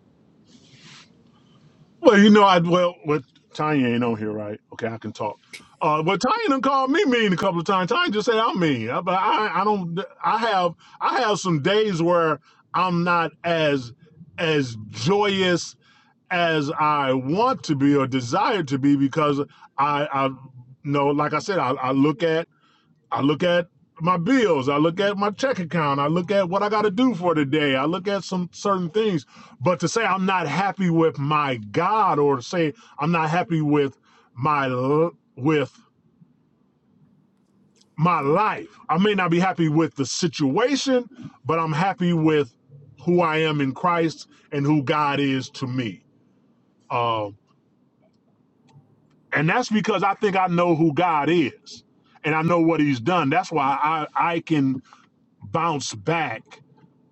S4: Well, you know, I well, well, Tanya ain't on here, right? Okay, I can talk. Uh, but Tanya done called me mean a couple of times. Tanya just said I'm mean, I- but I, I don't. I have, I have some days where I'm not as, as joyous as I want to be or desire to be because I, I, you know, like I said, I, I look at I look at my bills. I look at my check account. I look at what I got to do for the day. I look at some certain things. But to say I'm not happy with my God or to say I'm not happy with my with my life. I may not be happy with the situation, but I'm happy with who I am in Christ and who God is to me. Um, and that's because I think I know who God is and I know what He's done. That's why I I can bounce back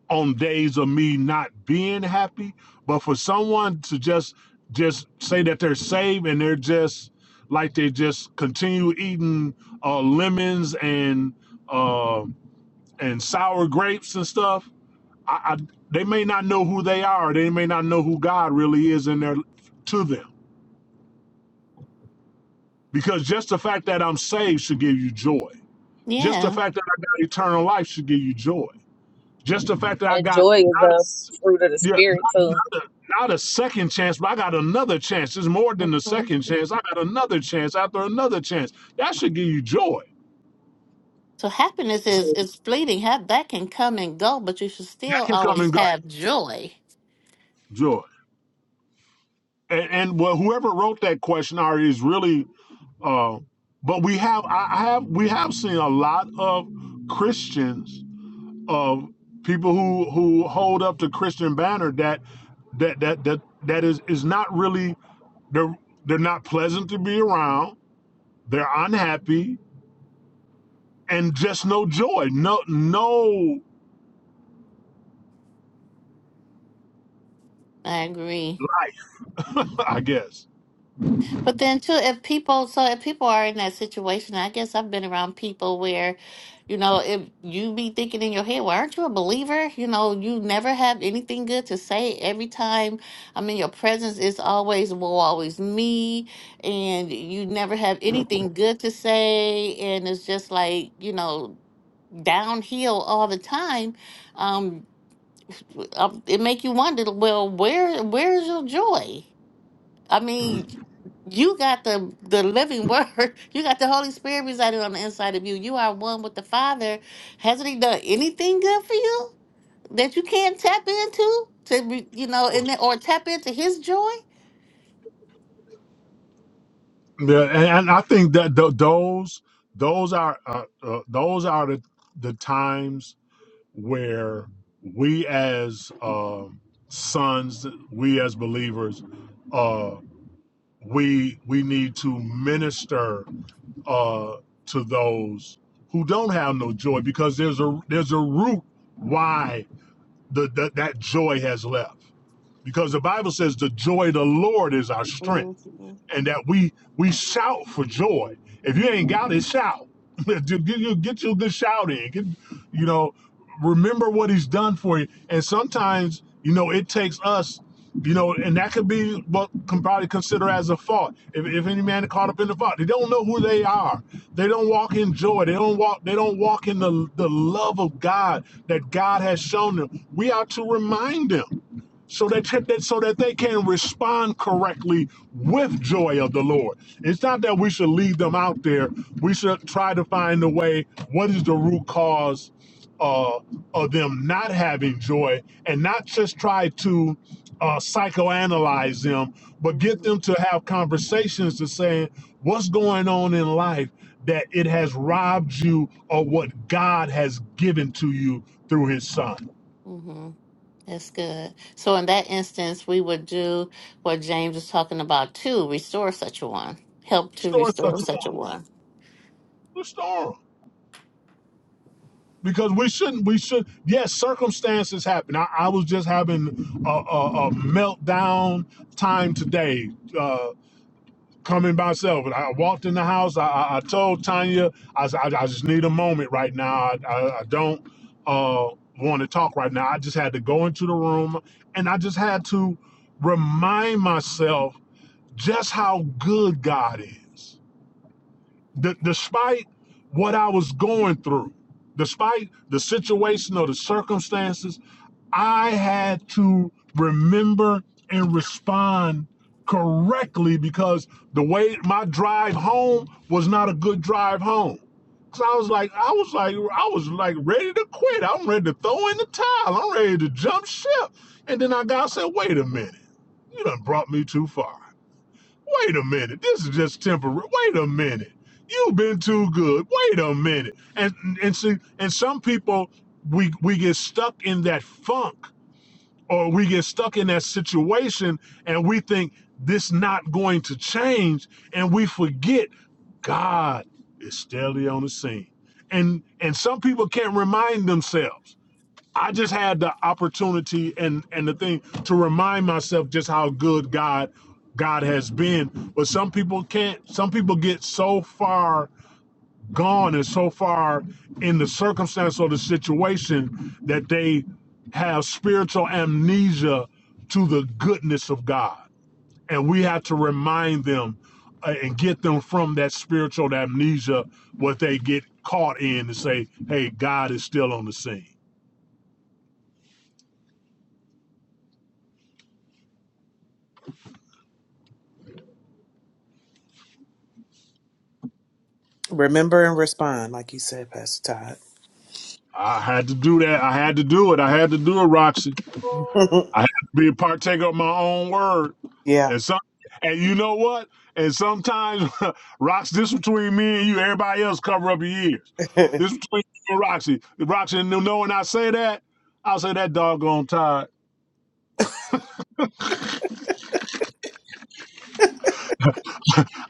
S4: on days of me not being happy but for someone to just just say that they're saved and they're just like they just continue eating uh lemons and uh, and sour grapes and stuff I, I they may not know who they are they may not know who god really is in their to them because just the fact that i'm saved should give you joy just the
S2: Yeah.
S4: fact that i got eternal life should give you joy Just the fact that I
S5: And
S4: got
S5: joy is
S4: not a,
S5: a
S4: s-
S5: fruit of the
S4: yeah,
S5: spirit
S4: not,
S5: too.
S4: not, a, not a second chance, but I got another chance. It's more than the
S2: Mhm.
S4: second chance. I got another chance after another chance. That should give you joy.
S2: So happiness is
S4: So
S2: is fleeting. Have that can come and go, but you should
S4: that
S2: still
S4: can come
S2: always
S4: and go.
S2: have joy.
S4: Joy. And, and well, whoever wrote that question Ari, is really. Uh, but we have, I have, we have seen a lot of Christians of people who who hold up the Christian banner that that that that that is is not really They're they're not pleasant to be around. They're unhappy and just no joy. No no.
S2: I agree.
S4: I guess.
S2: But then too, if people, so if people are in that situation, I guess I've been around people where, you know, if you be thinking in your head, well, aren't you a believer? You know, you never have anything good to say. Every time I'm in your presence, it's always, well, always me, and you never have anything good to say, and it's just like, you know, downhill all the time. Um, w- um, it make you wonder, well, where where is your joy? I mean, you got the the living word. You got the Holy Spirit residing on the inside of you. You are one with the Father. Hasn't He done anything good for you that you can't tap into to be- you know, and then, or tap into His joy?
S4: Yeah, and, and I think that th- those those are uh, uh, those are the the times where we as um sons, we as believers, uh, we we need to minister uh, to those who don't have no joy because there's a there's a root why the, the that joy has left because the Bible says the joy of the Lord is our strength,
S2: Mm-hmm.
S4: and that we we shout for joy. If you ain't got it, shout. get you get you a good shout in. Get, you know, remember what He's done for you. And sometimes, you know, it takes us. You know, and that could be what can probably consider as a fault. If, if any man is caught up in the fault, they don't know who they are. They don't walk in joy. They don't walk. They don't walk in the the love of God that God has shown them. We are to remind them so that, so that they can respond correctly with joy of the Lord. It's not that we should leave them out there. We should try to find a way. What is the root cause uh, of them not having joy, and not just try to uh, psychoanalyze them, but get
S2: Mm-hmm.
S4: them to have conversations to saying what's going on in life that it has robbed you of what God has given to you through His Son.
S2: hmm That's good. So in that instance, we would do what James was talking about too: restore such a one, help to
S4: Restore
S2: restore
S4: such a
S2: such a
S4: one.
S2: one.
S4: Restore 'em. because we shouldn't we should yes circumstances happen i, I was just having a, a, a meltdown time today uh coming by myself and i walked in the house i i, I told tanya I, s- I I just need a moment right now i i, I don't uh want to talk right now i just had to go into the room and i just had to remind myself just how good god is D- despite what I was going through, despite the situation or the circumstances, I had to remember and respond correctly because the way my drive home was not a good drive home. Cause I was like, I was like, I was like ready to quit. I'm ready to throw in the towel. I'm ready to jump ship. And then I got said, wait a minute, you done brought me too far. Wait a minute. This is just temporary. Wait a minute. You've been too good. Wait a minute. And and see, and some people we we get stuck in that funk or we get stuck in that situation and we think this not going to change and we forget God is steadily on the scene. And and some people can't remind themselves. I just had the opportunity and and the thing to remind myself just how good God God has been. But some people can't. Some people get so far gone and so far in the circumstance or the situation that they have spiritual amnesia to the goodness of God, and we have to remind them uh, and get them from that spiritual amnesia what they get caught in and say, "Hey, God is still on the scene."
S3: Remember and respond, like you said, Pastor
S4: I had to do that. I had to do it. I had to do it, Roxy.
S3: Todd.
S4: I had to be a partaker of my own word.
S3: yeah.
S4: And some and you know what? And sometimes Roxy, this between me and you, everybody else cover up your ears. This between you and Roxy. Roxy and you know when I say that, I say that doggone tired.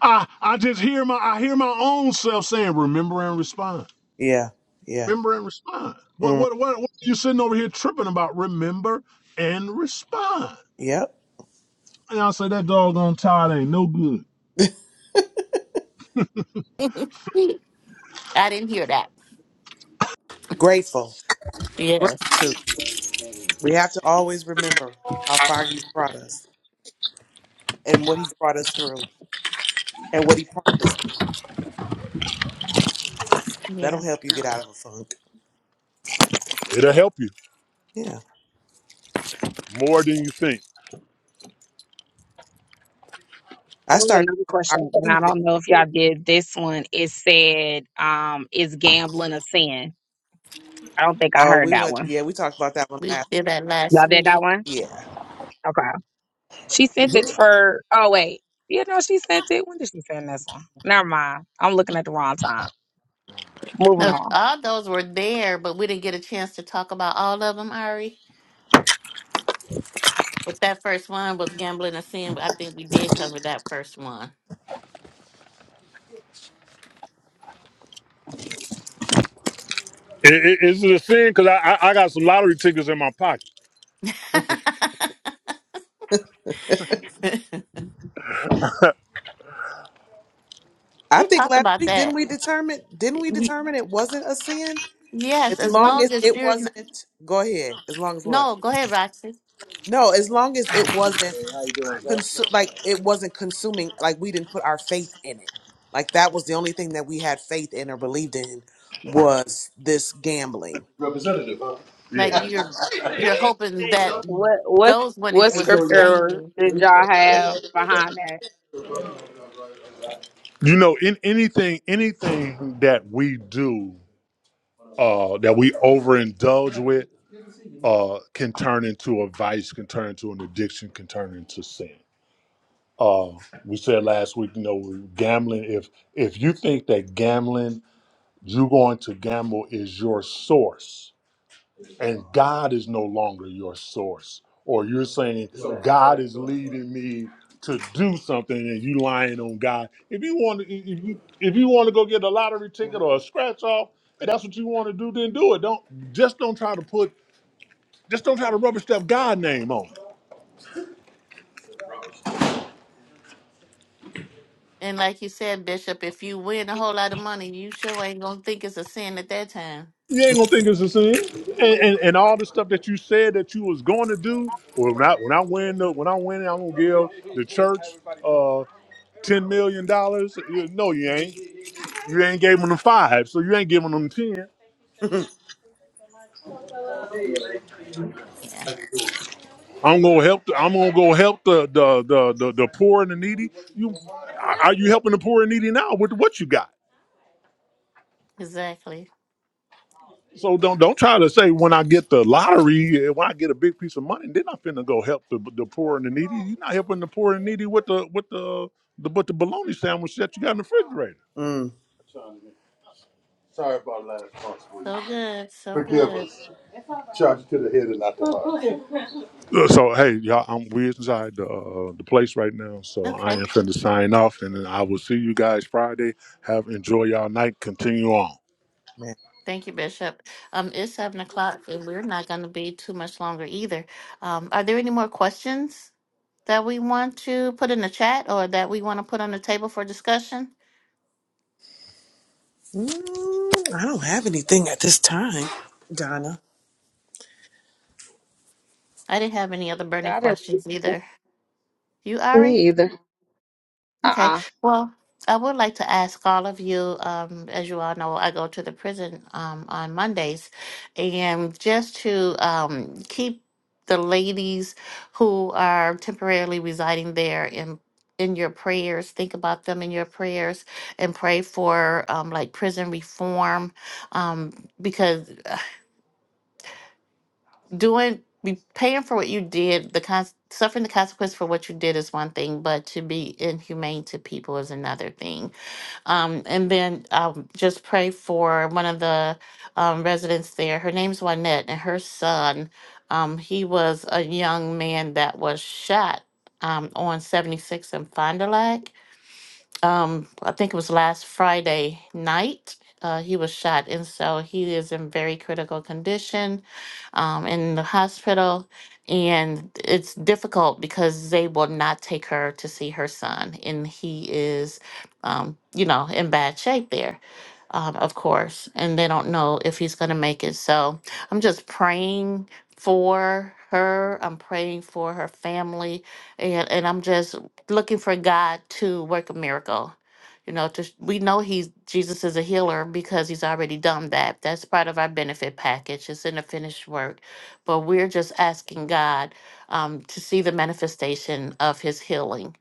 S4: I I just hear my I hear my own self saying, remember and respond.
S3: yeah. Yeah.
S4: Remember and respond. What
S3: Mm,
S4: what what, what you sitting over here tripping about? Remember and respond.
S3: yep.
S4: And I say that doggone tide ain't no good.
S2: I didn't hear that.
S3: Grateful.
S2: Yes.
S3: Gratitude. We have to always remember how far he's brought us and what he's brought us through and what he promised. That'll
S2: Yeah,
S3: help you get out of a funk.
S4: It'll help you
S3: Yeah.
S4: more than you think.
S3: I
S5: There was
S3: started
S5: another
S3: our
S5: question, and
S3: human
S5: I don't know if
S3: experience.
S5: y'all did this one. It said, um, is gambling a sin? I don't think I
S3: Oh,
S5: heard
S3: we
S5: that
S3: went
S5: one.
S3: yeah, we talked about that one
S2: we
S3: last
S2: did that last
S5: Y'all did
S2: week.
S5: that one?
S3: Yeah.
S5: Okay. She sent it for, oh, wait. You know, she sent it. When did she send this one? Never mind. I'm looking at the wrong time. Moving
S2: Those,
S5: on.
S2: all those were there, but we didn't get a chance to talk about all of them, Ari. But that first one was gambling and sin. I think we did cover that first one.
S4: I- I- Is it a sin? Because I, I I got some lottery tickets in my pocket.
S3: I
S2: we
S3: think
S2: talked
S3: last
S2: about
S3: week didn't
S2: that.
S3: we determine didn't we
S2: We-
S3: determine it wasn't a sin? As
S2: Yes, as
S3: long as
S2: long as
S3: it
S2: you're n-
S3: wasn't go ahead. As long as what?
S2: no, go ahead, Roxy.
S3: No, as long as it wasn't consu- like it wasn't consuming like we didn't put our faith in it. Like that was the only thing that we had faith in or believed in was this gambling.
S2: Like
S4: Yeah.
S2: you're you're hoping that
S5: What, what,
S2: those winnings
S5: what
S2: will sustain
S5: scripture
S2: you.
S5: did y'all have behind that?
S4: You know, in anything anything that we do uh, that we overindulge with uh, can turn into a vice, can turn into an addiction, can turn into sin. Uh, we said last week, you know, gambling. If if you think that gambling, you going to gamble is your source, and God is no longer your source, or you're saying Right. God is leading me to do something, and you lying on God. If you want to, if you if you want to go get a lottery ticket or a scratch off, if that's what you want to do, then do it. Don't just don't try to put just don't try to rubber stamp God name on it.
S2: And like you said, Bishop, if you win a whole lot of money, you sure ain't gonna think it's a sin at that time.
S4: You ain't gonna think it's a sin, and, and and all the stuff that you said that you was going to do. Well, when I when I win the when I win, I'm gonna give the church uh ten million dollars. No, you ain't. You ain't giving them five, so you ain't giving them ten.
S2: Yeah,
S4: I'm gonna help. The, I'm gonna go help the the, the the the poor and the needy. You are you helping the poor and needy now with what you got?
S2: exactly.
S4: So don't don't try to say when I get the lottery, eh, when I get a big piece of money, then I'm finna go help the the poor and the needy. You're not helping the poor and needy with the with the the but the bologna sandwich that you got in the refrigerator.
S3: Mm.
S2: So good, so good.
S4: Uh, So hey, y'all, I'm we inside the uh, the place right now, so I
S2: Okay.
S4: am finna sign off, and then I will see you guys Friday. Have enjoy y'all night. Continue on.
S3: Man.
S2: Thank you, Bishop. Um, it's seven o'clock, and we're not going to be too much longer either. Um, are there any more questions that we want to put in the chat or that we want to put on the table for discussion?
S3: Mm, I don't have anything at this time, Donna.
S2: I didn't have any other burning
S5: I didn't
S2: questions
S5: really
S2: either. You, Ari?
S5: me either.
S2: Okay.
S5: Uh-uh.
S2: Well, I would like to ask all of you, um, as you all know, I go to the prison um, on Mondays, and just to um, keep the ladies who are temporarily residing there in in your prayers, think about them in your prayers, and pray for um, like prison reform, um, because uh, doing be paying for what you did, the con- suffering the consequence for what you did is one thing, but to be inhumane to people is another thing um, and then um, just pray for one of the um, residents there. Her name's Juanette, and her son, um, he was a young man that was shot um, on 76 in Fond du Lac um i think it was last friday night uh, he was shot and so he is in very critical condition um, in the hospital and it's difficult because they will not take her to see her son and he is um, you know in bad shape there um, of course, and they don't know if he's going to make it. So I'm just praying for her. I'm praying for her family, and and I'm just looking for God to work a miracle. You know, to, we know he's Jesus is a healer because he's already done that. That's part of our benefit package. It's in the finished work, but we're just asking God um, to see the manifestation of His healing.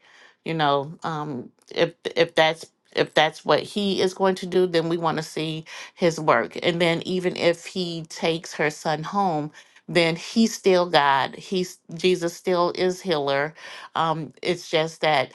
S2: You know, um, if if that's if that's what he is going to do, then we want to see his work. And then even if he takes her son home, then he's still God. He's Jesus still is healer. Um, it's just that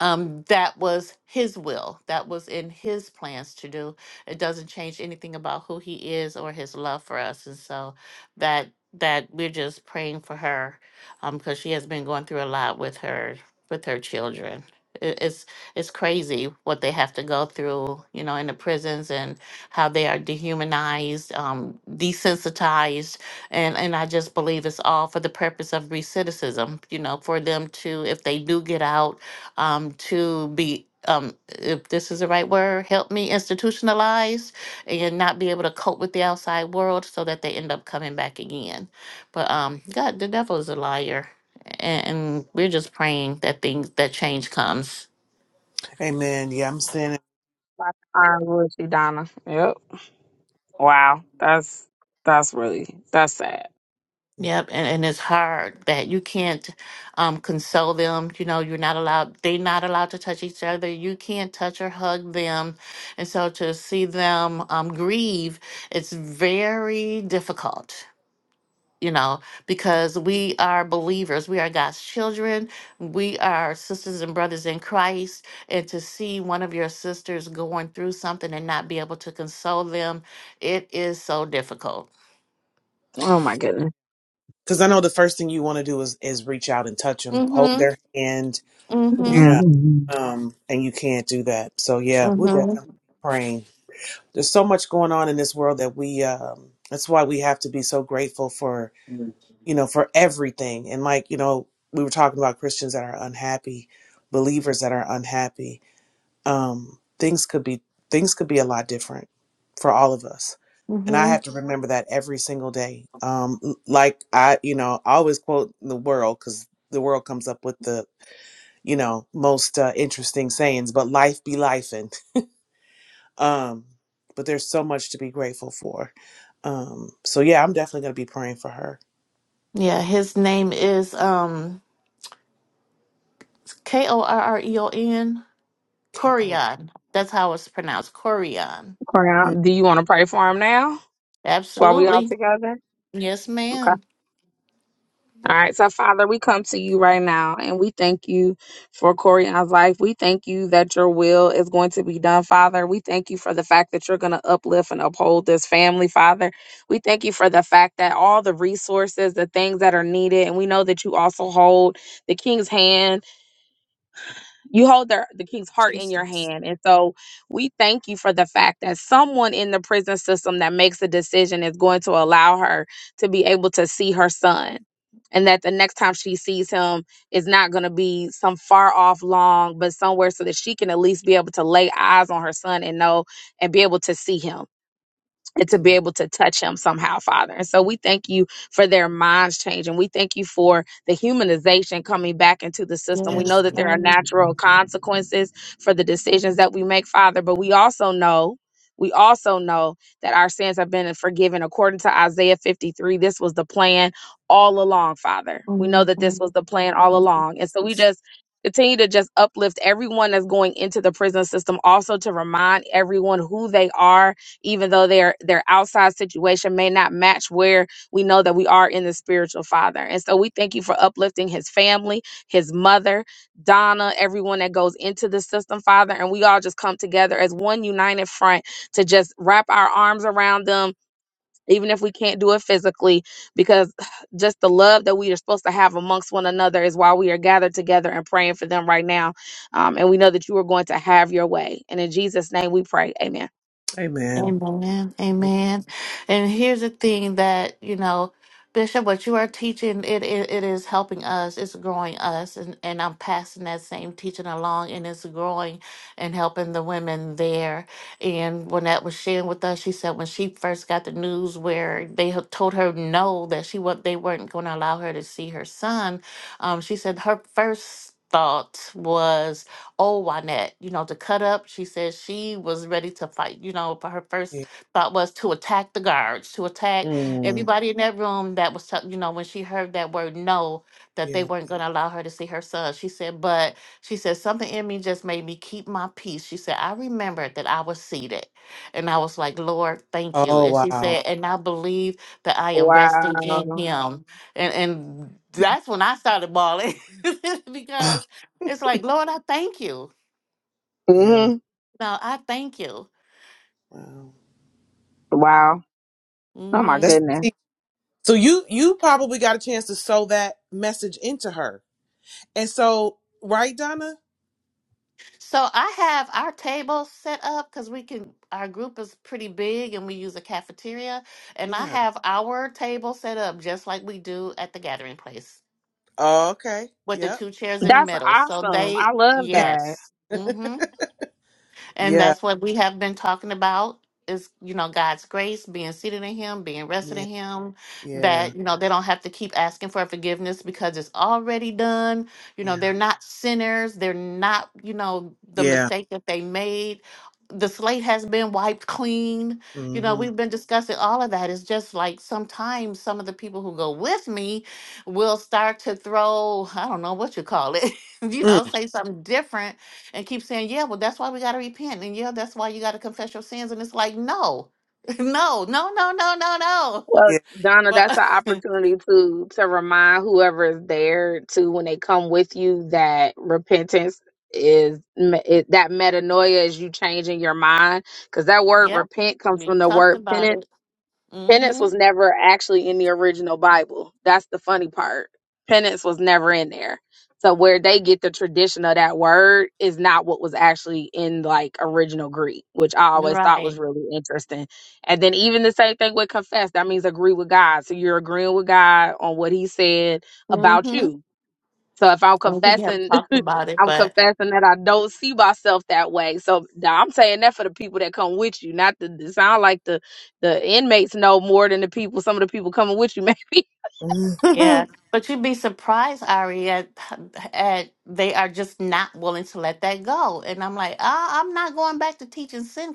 S2: um, that was his will, that was in his plans to do. It doesn't change anything about who he is or his love for us. And so that that we're just praying for her um, because she has been going through a lot with her with her children. It, it's it's crazy what they have to go through, you know, in the prisons and how they are dehumanized, um, desensitized, and and I just believe it's all for the purpose of recidivism, you know, for them to if they do get out um, to be, um, if this is the right word, help me institutionalize and not be able to cope with the outside world so that they end up coming back again. But um, God, the devil is a liar. And, and we're just praying that things, that change comes.
S3: Amen. Yeah, I'm standing.
S5: I'm with you, Donna. Yep. Wow. That's, that's really, that's sad.
S2: Yep, and, and it's hard that you can't um, console them. You know, you're not allowed, they're not allowed to touch each other. You can't touch or hug them. And so to see them um, grieve, it's very difficult. you know, because we are believers, we are God's children, we are sisters and brothers in Christ. And to see one of your sisters going through something and not be able to console them, it is so difficult.
S5: Oh my goodness.
S3: Because I know the first thing you want to do is, is reach out and touch them, hold
S2: Mm-hmm.
S3: their hand, you
S2: Mm-hmm.
S3: know,
S5: Mhm.
S3: um, and you can't do that. So, yeah, we'll definitely
S2: Mm-hmm.
S3: be praying. There's so much going on in this world that we, um, that's why we have to be so grateful for, you know, for everything. And like, you know, we were talking about Christians that are unhappy, believers that are unhappy um, things could be things could be a lot different for all of us and i
S2: Mm-hmm.
S3: have to remember that every single day um, l- like i you know I always quote the world because the world comes up with the you know most uh, interesting sayings but life be life and um, but there's so much to be grateful for um, so yeah i'm definitely going to be praying for her
S2: Yeah, his name is um K O R R E O N
S3: okay oh
S2: Corian. That's how it's pronounced. Corian.
S5: Cry
S3: mm,
S5: Do you want to pray for him now while we all
S2: Absolutely.
S5: together?
S2: Yes,
S5: Okay.
S2: ma'am.
S5: All right. So, Father, we come to you right now and we thank you for Corian's life. We thank you that your will is going to be done, Father. We thank you for the fact that you're going to uplift and uphold this family, Father. We thank you for the fact that all the resources, the things that are needed, and we know that you also hold the king's hand you hold the, the king's heart in your
S2: Jesus.
S5: hand. And so we thank you for the fact that someone in the prison system that makes a decision is going to allow her to be able to see her son. And that the next time she sees him is not going to be some far off long, but somewhere so that she can at least be able to lay eyes on her son and know and be able to see him and to be
S3: yeah,
S5: able to touch him somehow, Father. And so we thank you for their minds changing. We thank you for the humanization coming back into the system.
S3: yeah.
S5: We know
S2: Yes,
S5: that there are
S2: God.
S5: natural consequences for the decisions that we make, Father, but we also know. We also know that our sins have been forgiven according to Isaiah 53. This was the plan all along, Father. We know that this was
S2: Mhm.
S5: the plan all along. And so we just continue to just uplift everyone that's going into the prison system, also to remind everyone who they are even though their their outside situation may not match where we know that we are in the spiritual father. And so we thank you for uplifting his family, his mother, Donna, everyone that goes into the system, Father, and we all just come together as one united front to just wrap our arms around them. Even if we can't do it physically, because just the love that we are supposed to have amongst one another is why we are gathered together and praying for them right now. Um, and we know that you are going to have your way. And in Jesus' name we pray. Amen.
S3: amen
S2: Amen.
S3: Mm,
S2: Amen. And here's the thing that, you know, Bishop, what you are teaching, it, it, it is helping us, it's growing us, and, and I'm passing that same teaching along, and it's growing and helping the women there. And Lynette was sharing with us, she said when she first got the news where they had told her no, that she what they weren't going to allow her to see her son, um, she said her first thought was oh, Wynette, you know, to cut up, she said she was ready to fight. You know, but her first
S3: yeah.
S2: thought was to attack the guards, to attack
S3: Mm,
S2: everybody in that room that was, tell- you know, when she heard that word no, that they
S3: yeah
S2: weren't going to allow her to see her son. She said, but she said, something in me just made me keep my peace. She said, I remembered that I was seated. And I was like, Lord, thank you.
S3: oh
S2: And she
S3: wow
S2: said, and I believe that I am resting in
S5: Wow.
S2: him. And, and that's when I started bawling because it's like, Lord, I thank you.
S3: yeah
S5: hmm
S2: No, I thank you.
S3: wow
S5: Wow. Oh my
S2: hmm
S3: that's that
S5: goodness.
S3: So you you probably got a chance to sew that message into her. And so, right, Donna?
S2: So I have our table set up because we can. Our group is pretty big, and we use a cafeteria. And I
S3: Yeah.
S2: have our table set up just like we do at the gathering place,
S3: Oh, okay.
S2: with the
S3: Yep.
S2: two chairs in the
S5: That's
S2: middle. So
S5: awesome. I
S2: they,
S5: love that.
S2: yes. Mm-hmm. And
S3: Yeah.
S2: that's what we have been talking about is, you know, God's grace, being seated in Him, being rested in
S3: Yeah.
S2: Him,
S3: Yeah.
S2: that, you know, they don't have to keep asking for forgiveness because it's already done. You know,
S3: Yeah.
S2: they're not sinners. They're not, you know, the
S3: Yeah.
S2: mistake that they made. The slate has been wiped clean. You know,
S3: Mm-hmm.
S2: we've been discussing all of that. It's just like sometimes some of the people who go with me will start to throw, I don't know what you call it, you know,
S3: Mm.
S2: say something different and keep saying, yeah, well, that's why we got to repent. And yeah, that's why you got to confess your sins. And it's like, no, no, no, no, no, no, no.
S5: Well,
S3: Yeah.
S5: Donna, that's
S2: But
S5: an opportunity to to remind whoever is there to when they come with you that repentance is me- it, that metanoia is you changing your mind because that word
S2: yep,
S5: repent comes from
S2: we
S5: the
S2: talked
S5: word
S2: about
S5: penance
S2: it. Mm
S5: Penance
S2: hmm.
S5: was never actually in the original Bible. That's the funny part. Penance was never in there. So where they get the tradition of that word is not what was actually in like original Greek, which I always thought was
S2: Right.
S5: really interesting. And then even the same thing with confess, that means agree with God. So you're agreeing with God on what he said
S2: Mm
S5: about you so if I'm
S2: hmm. We have
S5: confessing,
S2: talked about it,
S5: I'm
S2: but
S5: confessing that I don't see myself that way. So now I'm saying that for the people that come with you, not the it sound like the the inmates know more than the people. Some of the people coming with you, maybe.
S2: Yeah,
S3: Mhm.
S2: but you'd be surprised, Ari, at, at they are just not willing to let that go. And I'm like, ah, I'm not going back to teaching sin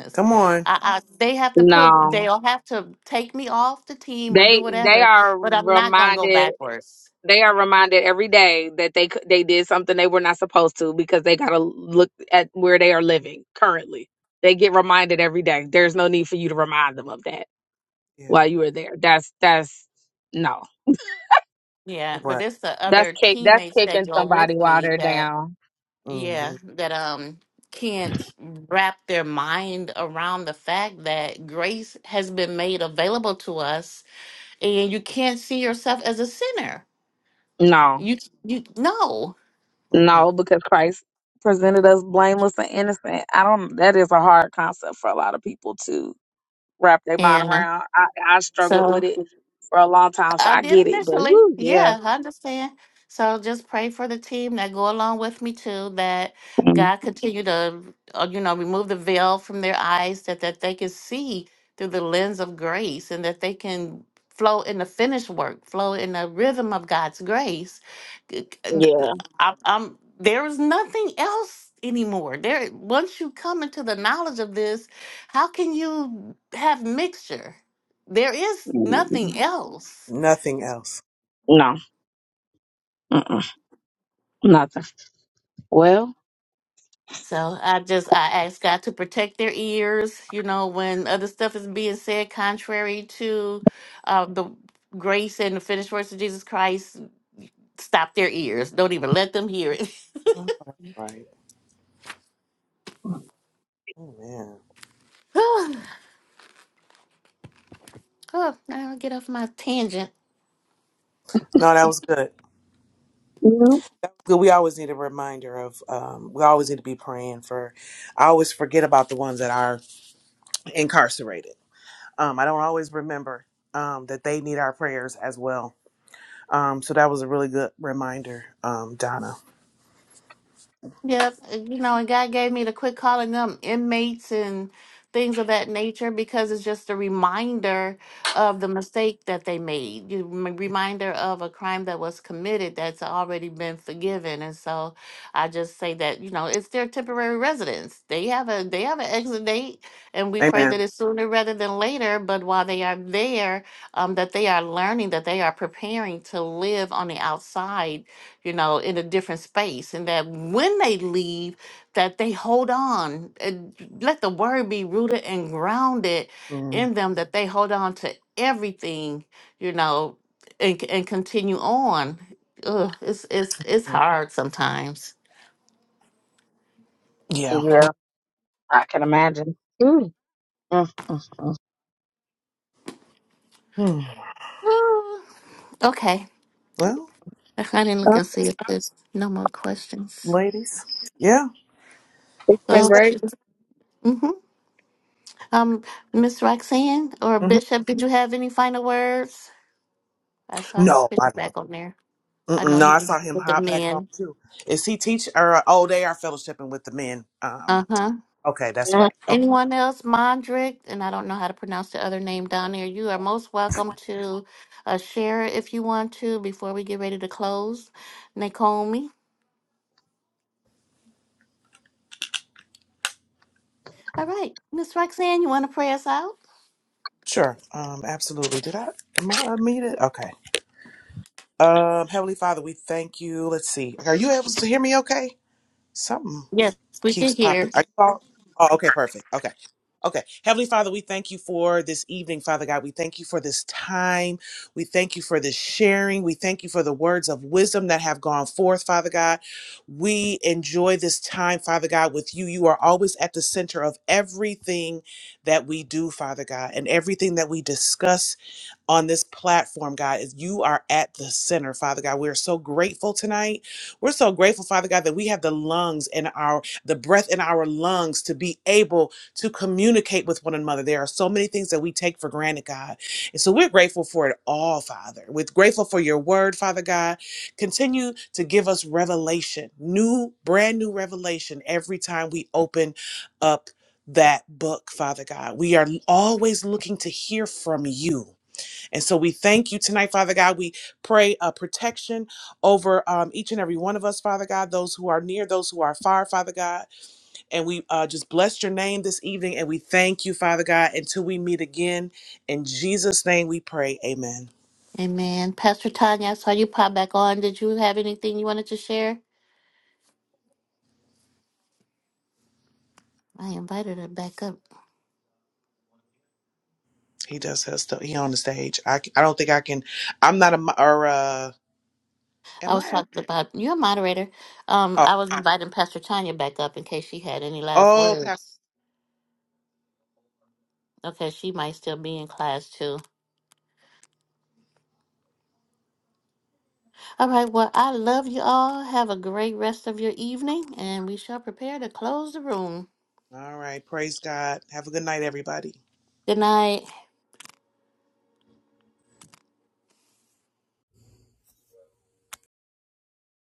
S3: Come on.
S2: I, I, Mhm. they have to put,
S5: No,
S2: they'll have to take me off the team or do
S5: they they
S2: whatever,
S5: are
S2: but I'm not gonna go
S5: reminded.
S2: backwards.
S5: They are reminded every day that they c- they did something they were not supposed to because they got to look at where they are living currently. They get reminded every day. There's no need for you to remind them of that
S3: Yeah.
S5: while you were there. That's that's no.
S2: Yeah, but
S3: Right.
S2: it's the
S5: That's
S2: other
S5: kick. That's
S2: teammates that
S5: kicking
S2: go with
S5: somebody while
S2: me
S5: they're
S2: that,
S5: down.
S2: yeah,
S3: Mm-hmm.
S2: that um can't wrap their mind around the fact that grace has been made available to us and you can't see yourself as a sinner.
S5: No,
S2: You you no,
S3: Mm-mm.
S5: no, because Christ presented us blameless and innocent. I don't. That is a hard concept for a lot of people to wrap their mind
S2: and uh,
S5: around. I, I struggled
S2: so
S5: with it for a long time, so
S2: I
S5: I
S2: did
S5: get it. But
S2: initially.
S5: woo, yeah,
S2: Yeah, I understand. So just pray for the team that go along with me too, that
S5: Mm,
S2: God continue to, uh, you know, remove the veil from their eyes, that that they can see through the lens of grace, and that they can flow in the finished work, flow in the rhythm of God's grace. G- g- th- th-
S5: yeah,
S2: I, I'm there is nothing else anymore. There, once you come into the knowledge of this, how can you have mixture? There is
S5: Mm,
S2: nothing else
S3: Nothing else.
S5: no, Mm-mm. nothing. Well,
S2: So I just I ask God to protect their ears, you know, when other stuff is being said contrary to uh, the grace and the finished works of Jesus Christ. Stop their ears. Don't even let them hear it.
S3: Oh, no, that's Right. Oh man.
S2: oh, now I get off my tangent.
S3: No, that was good.
S5: mm,
S3: Good. We always need a reminder of. Um, we always need to be praying for. I always forget about the ones that are incarcerated Um, I don't always remember um, that they need our prayers as well. Um, so that was a really good reminder, um, Donna.
S2: Yep, uh, you know, and God gave me to quit calling them inmates and things of that nature because it's just a reminder of the mistake that they made, you m- reminder of a crime that was committed that's already been forgiven. And so I just say that, you know, it's their temporary residence. They have a they have an exit date and we pray that
S3: Amen.
S2: it's sooner rather than later, but while they are there, um, that they are learning, that they are preparing to live on the outside you know, in a different space, and that when they leave, that they hold on and let the word be rooted and grounded
S3: Mm,
S2: in them, that they hold on to everything, you know, and and continue on. Ugh, it's it's it's hard sometimes.
S3: yeah.
S5: yeah, I can imagine. Mm, mm, mm, mm.
S3: Hmm.
S2: Ah, okay,
S3: Well,
S2: I didn't look
S5: Oh,
S2: and see if there's no more questions.
S3: ladies. Yeah.
S5: It's been
S3: Guess
S2: So,
S3: that.
S5: great.
S2: mm-hmm. um, Miss Roxanne or
S3: mhm.
S2: Bishop, did you have any final words? I saw his
S3: No, I
S2: picture
S3: don't.
S2: back on there. I
S3: Mm-mm,
S2: know
S3: no, I saw
S2: he's
S3: him
S2: with the
S3: hop back on
S2: men.
S3: too. Is he teach or oh, they are fellowshipping with the men.
S2: Uh
S3: Um.
S2: huh.
S3: Okay, that's right.
S2: Anyone else? Mondrick, and I don't know how to pronounce the other name down there. You are most welcome to uh, share if you want to before we get ready to close. Naomi. All right, Miss Roxanne, you want to pray us out?
S3: Sure. Um, absolutely. Did I am I unmuted? Okay. Um, Heavenly Father, we thank you. Let's see. Are you able to hear me okay? Something
S2: Yes, we can
S3: keeps popping.
S2: hear.
S3: Are you all? Oh, okay, perfect. Okay. Okay. Heavenly Father, we thank you for this evening, Father God. We thank you for this time. We thank you for this sharing. We thank you for the words of wisdom that have gone forth, Father God. We enjoy this time, Father God, with you. You are always at the center of everything that we do, Father God, and everything that we discuss on this platform, God, is you are at the center, Father God. We are so grateful tonight. We're so grateful, Father God, that we have the lungs and our the breath in our lungs to be able to communicate with one another. There are so many things that we take for granted, God. And so we're grateful for it all, Father. We're grateful for your word, Father God. Continue to give us revelation, new, brand new revelation every time we open up that book, Father God. We are always looking to hear from you. And so we thank you tonight, Father God. We pray uh, protection over um, each and every one of us, Father God, those who are near, those who are far, Father God. And we uh, just bless your name this evening and we thank you, Father God, until we meet again. In Jesus' name we pray. Amen.
S2: Amen. Pastor Tanya, I saw you pop back on. Did you have anything you wanted to share? I invited her back up.
S3: He does have stuff. He on the stage. I, c- I don't think I can. I'm not a, mo- or, uh,
S2: I
S3: am
S2: was
S3: I?
S2: talking about you're a moderator. Um,
S3: Oh,
S2: I was inviting Pastor Tanya back up in case she had any last
S3: oh, Pastor.
S2: words. Okay, she might still be in class too. All right, well, I love you all. Have a great rest of your evening, and we shall prepare to close the room.
S3: All right. Praise God. Have a good night, everybody.
S2: Good night.